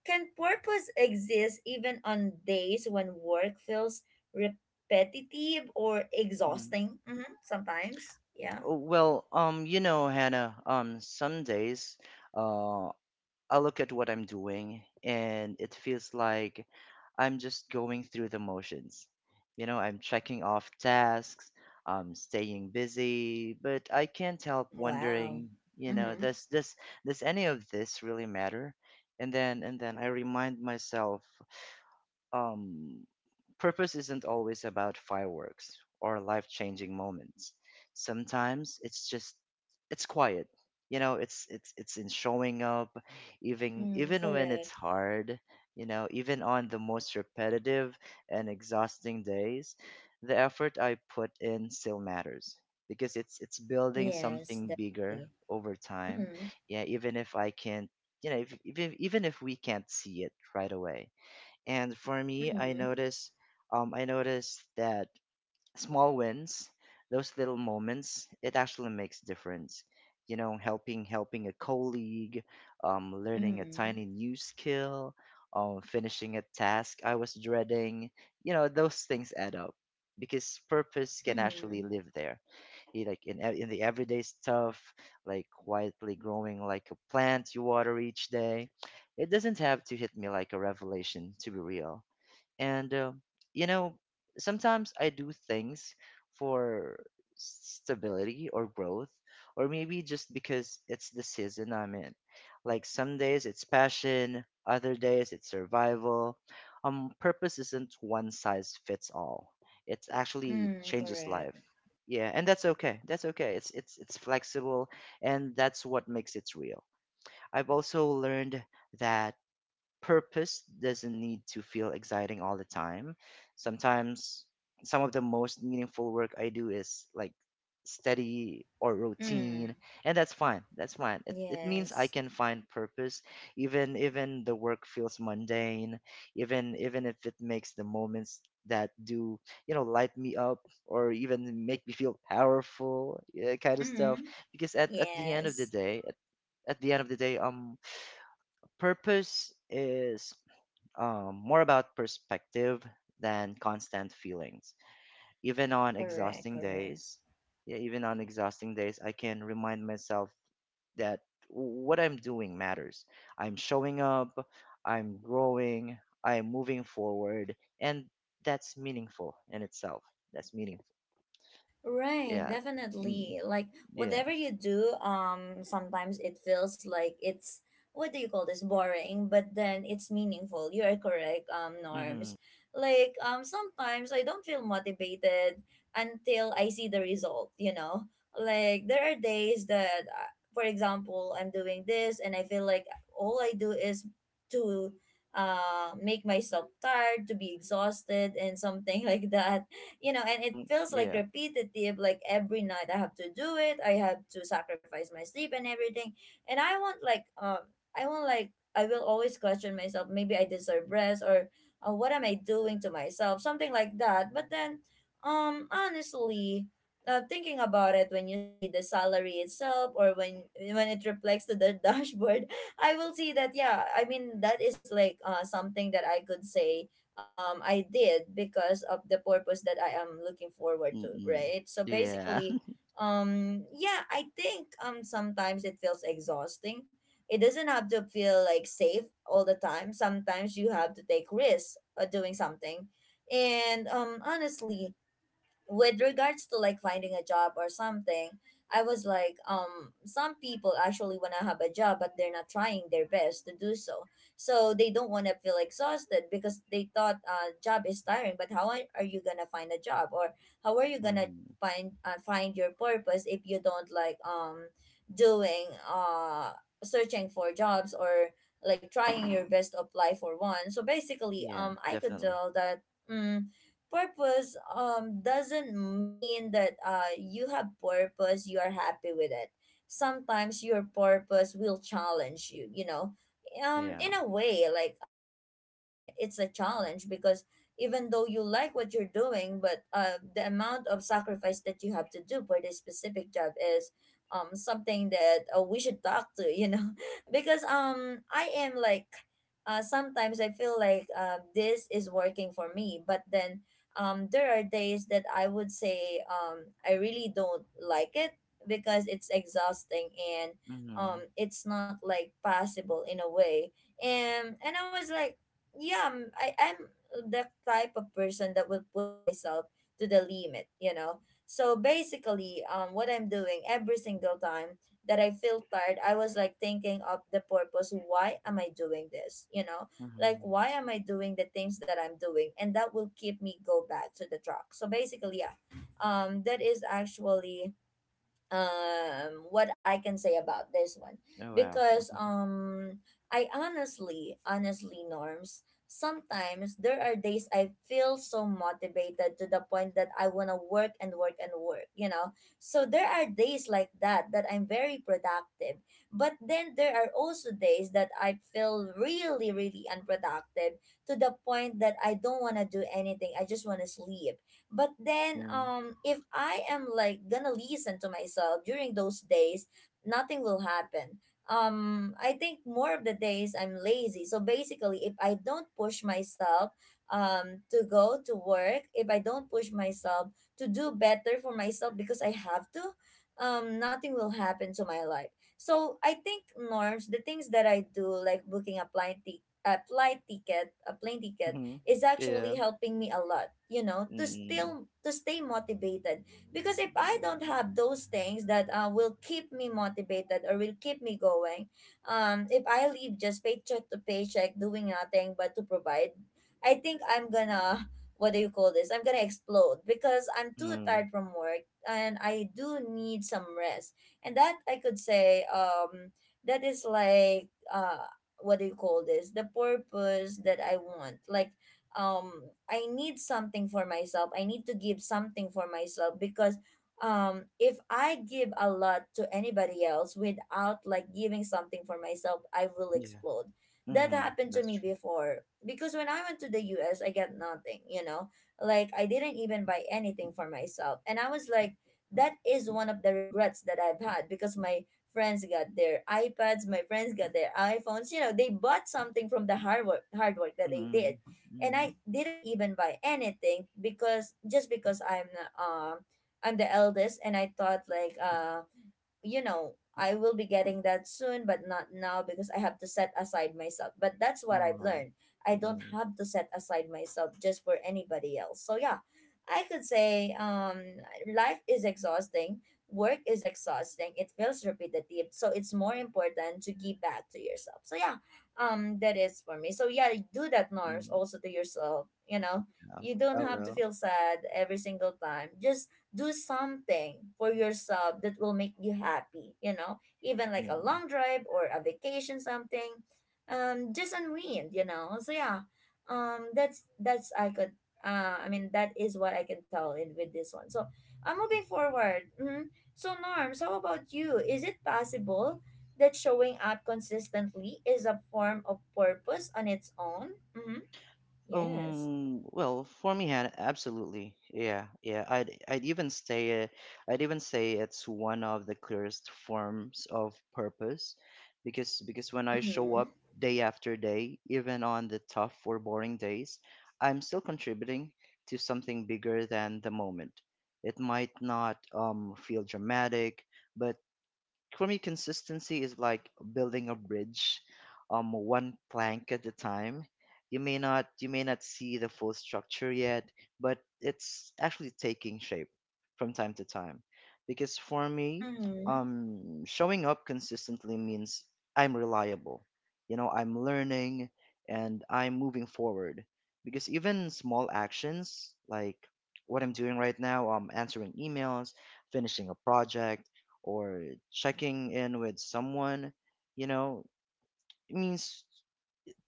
[SPEAKER 1] can purpose exist even on days when work feels repetitive or
[SPEAKER 2] Mhm.
[SPEAKER 1] exhausting? Mm-hmm, sometimes. Yeah.
[SPEAKER 2] Oh, well, you know, Hannah, some days, uh, I look at what I'm doing and it feels like I'm just going through the motions. You know, I'm checking off tasks, I'm staying busy, but I can't help
[SPEAKER 1] Wow.
[SPEAKER 2] wondering, you know,
[SPEAKER 1] Mm-hmm.
[SPEAKER 2] does this does any of this really matter? And then I remind myself, um purpose isn't always about fireworks or life-changing moments. Sometimes it's just it's quiet. You know, it's in showing up even
[SPEAKER 1] Mm,
[SPEAKER 2] even when
[SPEAKER 1] correct.
[SPEAKER 2] it's hard, you know, even on the most repetitive and exhausting days, the effort I put in still matters because it's building
[SPEAKER 1] Yes,
[SPEAKER 2] something bigger
[SPEAKER 1] definitely.
[SPEAKER 2] over time.
[SPEAKER 1] Mm-hmm.
[SPEAKER 2] Yeah, even if I can't, you know, if, even if we can't see it right away, and for me,
[SPEAKER 1] Mm-hmm.
[SPEAKER 2] I notice that small wins, those little moments, it actually makes difference. You know, helping a colleague, learning a
[SPEAKER 1] Mm-hmm.
[SPEAKER 2] tiny new skill, finishing a task I was dreading. You know, those things add up because purpose can actually
[SPEAKER 1] Mm-hmm.
[SPEAKER 2] live there. You, like in the everyday stuff, like quietly growing like a plant you water each day. It doesn't have to hit me like a revelation to be real. And you know, sometimes I do things for stability or growth, or maybe just because it's the season I'm in. Like some days it's passion, other days it's survival. Purpose isn't one size fits all. It actually
[SPEAKER 1] Mm,
[SPEAKER 2] changes life.
[SPEAKER 1] correct.
[SPEAKER 2] Yeah, and that's okay. That's okay. It's flexible, and that's what makes it real. I've also learned that purpose doesn't need to feel exciting all the time. Sometimes some of the most meaningful work I do is like steady or routine,
[SPEAKER 1] Mm,
[SPEAKER 2] and that's fine. It means I
[SPEAKER 1] yes.
[SPEAKER 2] can find purpose even the work feels mundane, even if it makes the moments that do, you know, light me up or even make me feel powerful, yeah, kind of stuff.
[SPEAKER 1] Mm,
[SPEAKER 2] Because at the end of the
[SPEAKER 1] yes.
[SPEAKER 2] day, at the end of the day, purpose is, more about perspective than constant feelings. Even on
[SPEAKER 1] Correct,
[SPEAKER 2] exhausting
[SPEAKER 1] correct.
[SPEAKER 2] days, yeah, even on exhausting days, I can remind myself that what I'm doing matters. I'm showing up, I'm growing, I'm moving forward, and that's meaningful in itself. That's meaningful.
[SPEAKER 1] Right,
[SPEAKER 2] Yeah. Mm,
[SPEAKER 1] definitely. Like
[SPEAKER 2] yeah.
[SPEAKER 1] whatever you do, sometimes it feels like it's what do you call this, boring, but then it's meaningful. You are correct,
[SPEAKER 2] Mm-hmm.
[SPEAKER 1] Norms. Like sometimes I don't feel motivated until I see the result, you know? Like there are days that for example, I'm doing this and I feel like all I do is to make myself tired, to be exhausted and something <laughs> like that, you know. And it
[SPEAKER 2] Mm,
[SPEAKER 1] feels like
[SPEAKER 2] yeah.
[SPEAKER 1] repetitive, like every night I have to do it, I have to sacrifice my sleep and everything. And I want like I want like I will always question myself, maybe I deserve rest, or what am I doing to myself, something like that. But then honestly, thinking about it, when you see the salary itself, or when it reflects to the <laughs> dashboard, I will see that yeah, I mean that is like something that I could say I did because of the purpose that I am looking forward to,
[SPEAKER 2] Mm-mm.
[SPEAKER 1] right? So
[SPEAKER 2] Yeah.
[SPEAKER 1] basically,
[SPEAKER 2] <laughs>
[SPEAKER 1] yeah, I think sometimes it feels exhausting. It doesn't have to feel like safe all the time. Sometimes you have to take risks doing something. And honestly, with regards to like finding a job or something, I was like some people actually want to have a job but they're not trying their best to do so. So they don't want to feel exhausted because they thought job is tiring. But how are you gonna find a job, or how are you gonna
[SPEAKER 2] Mm-hmm.
[SPEAKER 1] find find your purpose if you don't like doing searching for jobs, or like trying your best to apply for one? So basically,
[SPEAKER 2] Yeah,
[SPEAKER 1] I could
[SPEAKER 2] definitely.
[SPEAKER 1] tell that mm purpose doesn't mean that you have purpose, you are happy with it. Sometimes your purpose will challenge you, you know,
[SPEAKER 2] Yeah.
[SPEAKER 1] in a way, like as for me, it's a challenge, because even though you like what you're doing, but the amount of sacrifice that you have to do for this specific job is something that we should talk to, you know, <laughs> because I am like sometimes I feel like this is working for me, but then there are days that I would say I really don't like it because it's exhausting and
[SPEAKER 2] Mm-hmm.
[SPEAKER 1] it's not like possible in a way. And I was like, yeah, I'm the type of person that will push myself to the limit, you know. So basically, what I'm doing every single time that I feel tired, I was like thinking of the purpose. Why am I doing this? You know, like
[SPEAKER 2] Mm-hmm.
[SPEAKER 1] why am I doing the things that I'm doing, and that will keep me go back to the track. So basically, yeah, that is actually what I can say about this one.
[SPEAKER 2] Oh wow.
[SPEAKER 1] Because I honestly, honestly, Norms, sometimes there are days I feel so motivated to the point that I want to work and work and work, you know. So there are days like that that I'm very productive, but then there are also days that I feel really, really unproductive to the point that I don't want to do anything, I just want to sleep. But then
[SPEAKER 2] Mm.
[SPEAKER 1] if I am like gonna listen to myself during those days, nothing will happen. Um, I think more of the days I'm lazy. So basically, if I don't push myself to go to work, if I don't push myself to do better for myself because I have to, nothing will happen to my life. So I think, Norms, the things that I do, like booking a plane, a plane ticket,
[SPEAKER 2] Mhm.
[SPEAKER 1] is actually
[SPEAKER 2] Yeah.
[SPEAKER 1] helping me a lot, you know, to
[SPEAKER 2] Mm.
[SPEAKER 1] still to stay motivated. Because if I don't have those things that will keep me motivated or will keep me going, if I live just paycheck to paycheck doing nothing but to provide, I think I'm gonna what do you call this? I'm gonna explode because I'm too
[SPEAKER 2] Mhm.
[SPEAKER 1] tired from work and I do need some rest. And that I could say, that is like what do you call this? The purpose that I want. Um I need something for myself. I need to give something for myself because if I give a lot to anybody else without like giving something for myself, I will
[SPEAKER 2] Yeah.
[SPEAKER 1] explode. That
[SPEAKER 2] Mhm.
[SPEAKER 1] happened to
[SPEAKER 2] That's
[SPEAKER 1] me
[SPEAKER 2] true.
[SPEAKER 1] before because when I went to the US, I got nothing, you know? Like I didn't even buy anything for myself. And I was like that is one of the regrets that I've had because my friends got their iPads, my friends got their iPhones, you know, they bought something from the hard work that they did,
[SPEAKER 2] Mhm.
[SPEAKER 1] and
[SPEAKER 2] Mhm.
[SPEAKER 1] I didn't even buy anything because just because I'm the eldest, and I thought I will be getting that soon, but not now because I have to set aside myself. But that's what
[SPEAKER 2] Aw.
[SPEAKER 1] I've learned. I don't
[SPEAKER 2] Mhm.
[SPEAKER 1] have to set aside myself just for anybody else. So yeah, I could say, life is exhausting, work is exhausting, it feels repetitive. So it's more important to give back to yourself. So yeah, that is for me. So yeah, do that, norms,
[SPEAKER 2] Mm.
[SPEAKER 1] also to yourself, you know.
[SPEAKER 2] Yeah.
[SPEAKER 1] You don't
[SPEAKER 2] I
[SPEAKER 1] have to
[SPEAKER 2] will.
[SPEAKER 1] feel sad every single time. Just do something for yourself that will make you happy, even like a
[SPEAKER 2] Mm.
[SPEAKER 1] long drive or a vacation, something, just unwind, you know. So yeah, that's I could I mean that is what I can tell in with this one. So I'm moving forward. So, norms, how about you? Is it possible that showing up consistently is a form of purpose on its own? Mm-hmm. Yes.
[SPEAKER 2] Well, for me, Hannah, absolutely. Yeah, yeah. I'd even say I'd even say it's one of the clearest forms of purpose because when I show
[SPEAKER 1] Mm-hmm.
[SPEAKER 2] up day after day, even on the tough or boring days, I'm still contributing to something bigger than the moment. It might not feel dramatic, but for me, consistency is like building a bridge, one plank at a time. You may not see the full structure yet, but it's actually taking shape from time to time. Because for me,
[SPEAKER 1] Mm-hmm.
[SPEAKER 2] showing up consistently means I'm reliable. You know, I'm learning and I'm moving forward. Because even small actions like what I'm doing right now, answering emails, finishing a project or checking in with someone, you know, it means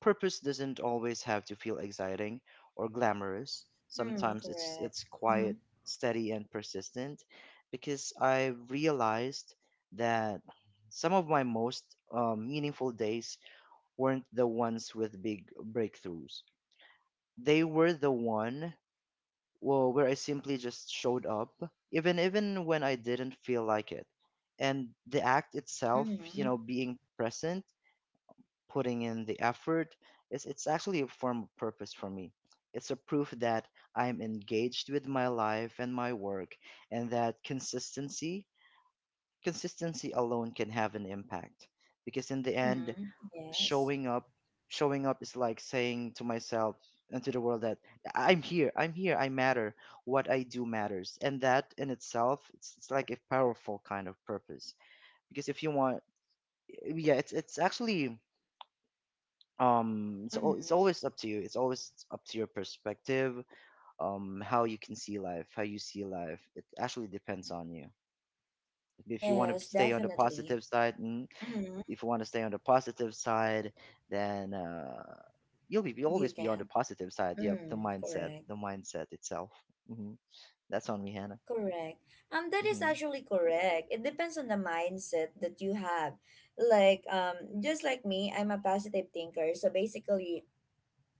[SPEAKER 2] purpose doesn't always have to feel exciting or glamorous.
[SPEAKER 1] Mm,
[SPEAKER 2] Sometimes
[SPEAKER 1] correct.
[SPEAKER 2] it's
[SPEAKER 1] Mm-hmm.
[SPEAKER 2] quiet, steady and persistent because I realized that some of my most, meaningful days weren't the ones with big breakthroughs. They were the one, well, where I simply just showed up, even when I didn't feel like it. And the act itself, you
[SPEAKER 1] Mm-hmm.
[SPEAKER 2] know, being present, putting in the effort, is it's actually a form of purpose for me. It's a proof that I'm engaged with my life and my work, and that consistency alone can have an impact. Because in the end,
[SPEAKER 1] Mm-hmm. Yes.
[SPEAKER 2] showing up showing up is like saying to myself and to the world that I'm here, I matter, what I do matters, and that in itself, it's like a powerful kind of purpose. Because if you want, yeah, it's actually,
[SPEAKER 1] Mm-hmm.
[SPEAKER 2] it's always up to you. It's always up to your perspective. Um, how you can see life, how you see life, it actually depends on you. If you want to
[SPEAKER 1] Yes,
[SPEAKER 2] stay on the
[SPEAKER 1] definitely.
[SPEAKER 2] positive side, mm,
[SPEAKER 1] Mm-hmm.
[SPEAKER 2] if you want to stay on the positive side, then you'll
[SPEAKER 1] You
[SPEAKER 2] always be on the
[SPEAKER 1] can.
[SPEAKER 2] positive side.
[SPEAKER 1] Mm-hmm.
[SPEAKER 2] Yep,
[SPEAKER 1] Mm, correct.
[SPEAKER 2] the mindset itself. Hmm. That's on me, Hannah.
[SPEAKER 1] Correct. That is
[SPEAKER 2] Hmm.
[SPEAKER 1] actually correct. It depends on the mindset that you have. Like, just like me, I'm a positive thinker. So basically,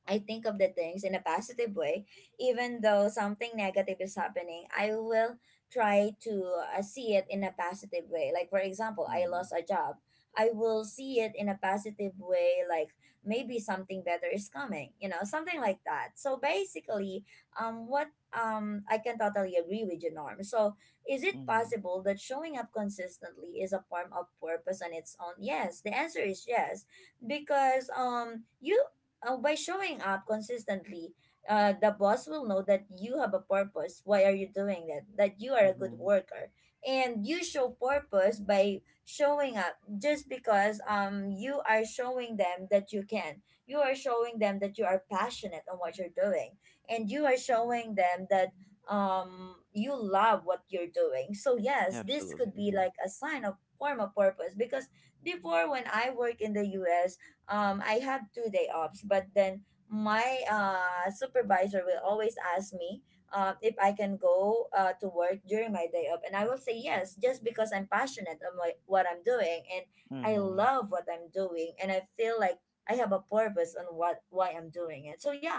[SPEAKER 1] I think of the things in a positive way, even though something negative is happening, I will try to see it in a positive way. Like, for example, I
[SPEAKER 2] Hmm.
[SPEAKER 1] lost a job. I will see it in a positive way, like maybe something better is coming, you know, something like that. So basically, what I can totally agree with you, Norm. So, is it
[SPEAKER 2] Hmm.
[SPEAKER 1] possible that showing up consistently is a form of purpose on its own? Yes, the answer is yes because you by showing up consistently, the boss will know that you have a purpose. Why are you doing that? That you are a good
[SPEAKER 2] Hmm.
[SPEAKER 1] worker, and you show purpose by showing up. Just because you are showing them that you can, you are showing them that you are passionate on what you're doing, and you are showing them that you love what you're doing. So yes, this
[SPEAKER 2] Absolutely.
[SPEAKER 1] could be
[SPEAKER 2] Hmm.
[SPEAKER 1] like a sign of form of purpose because before when I work in the U.S, I have two-day offs, but then my supervisor will always ask me, if I can go, to work during my day off, and I will say yes just because I'm passionate on my, what I'm doing, and I
[SPEAKER 2] Hmm.
[SPEAKER 1] love what I'm doing, and I feel like I have a purpose on what why I'm doing it. So yeah,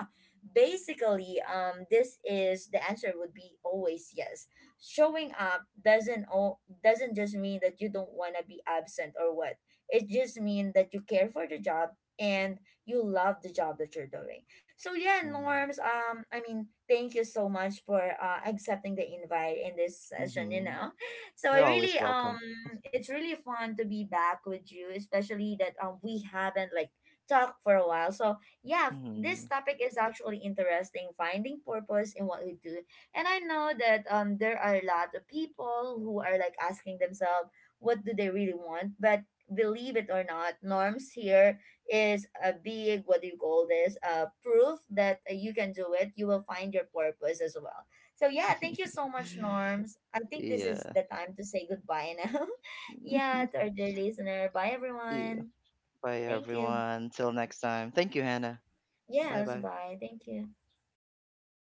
[SPEAKER 1] basically, this is the answer would be always yes. Showing up doesn't just mean that you don't want to be absent or what. It just means that you care for the job and you love the job that you're doing. So yeah,
[SPEAKER 2] Hmm.
[SPEAKER 1] Norms, thank you so much for accepting the invite in this session, you
[SPEAKER 2] Hmm.
[SPEAKER 1] know. So I
[SPEAKER 2] You're
[SPEAKER 1] really
[SPEAKER 2] always welcome.
[SPEAKER 1] It's really fun to be back with you, especially that we haven't like talked for a while. So yeah,
[SPEAKER 2] Hmm.
[SPEAKER 1] this topic is actually interesting, finding purpose in what we do. And I know that there are a lot of people who are like asking themselves what do they really want? But believe it or not, norms here is a big what do you call this? Proof that you can do it. You will find your purpose as well. So yeah, thank you
[SPEAKER 2] <laughs>
[SPEAKER 1] so much, norms. I think this is
[SPEAKER 2] Yeah.
[SPEAKER 1] the time to say goodbye now. <laughs> Yeah, to
[SPEAKER 2] <laughs>
[SPEAKER 1] our dear listener. Bye
[SPEAKER 2] Yeah.
[SPEAKER 1] everyone.
[SPEAKER 2] Bye,
[SPEAKER 1] Thank you.
[SPEAKER 2] everyone. Till next time. Thank you, Hannah. Bye,
[SPEAKER 1] Yes,
[SPEAKER 2] bye.
[SPEAKER 1] bye. Thank you.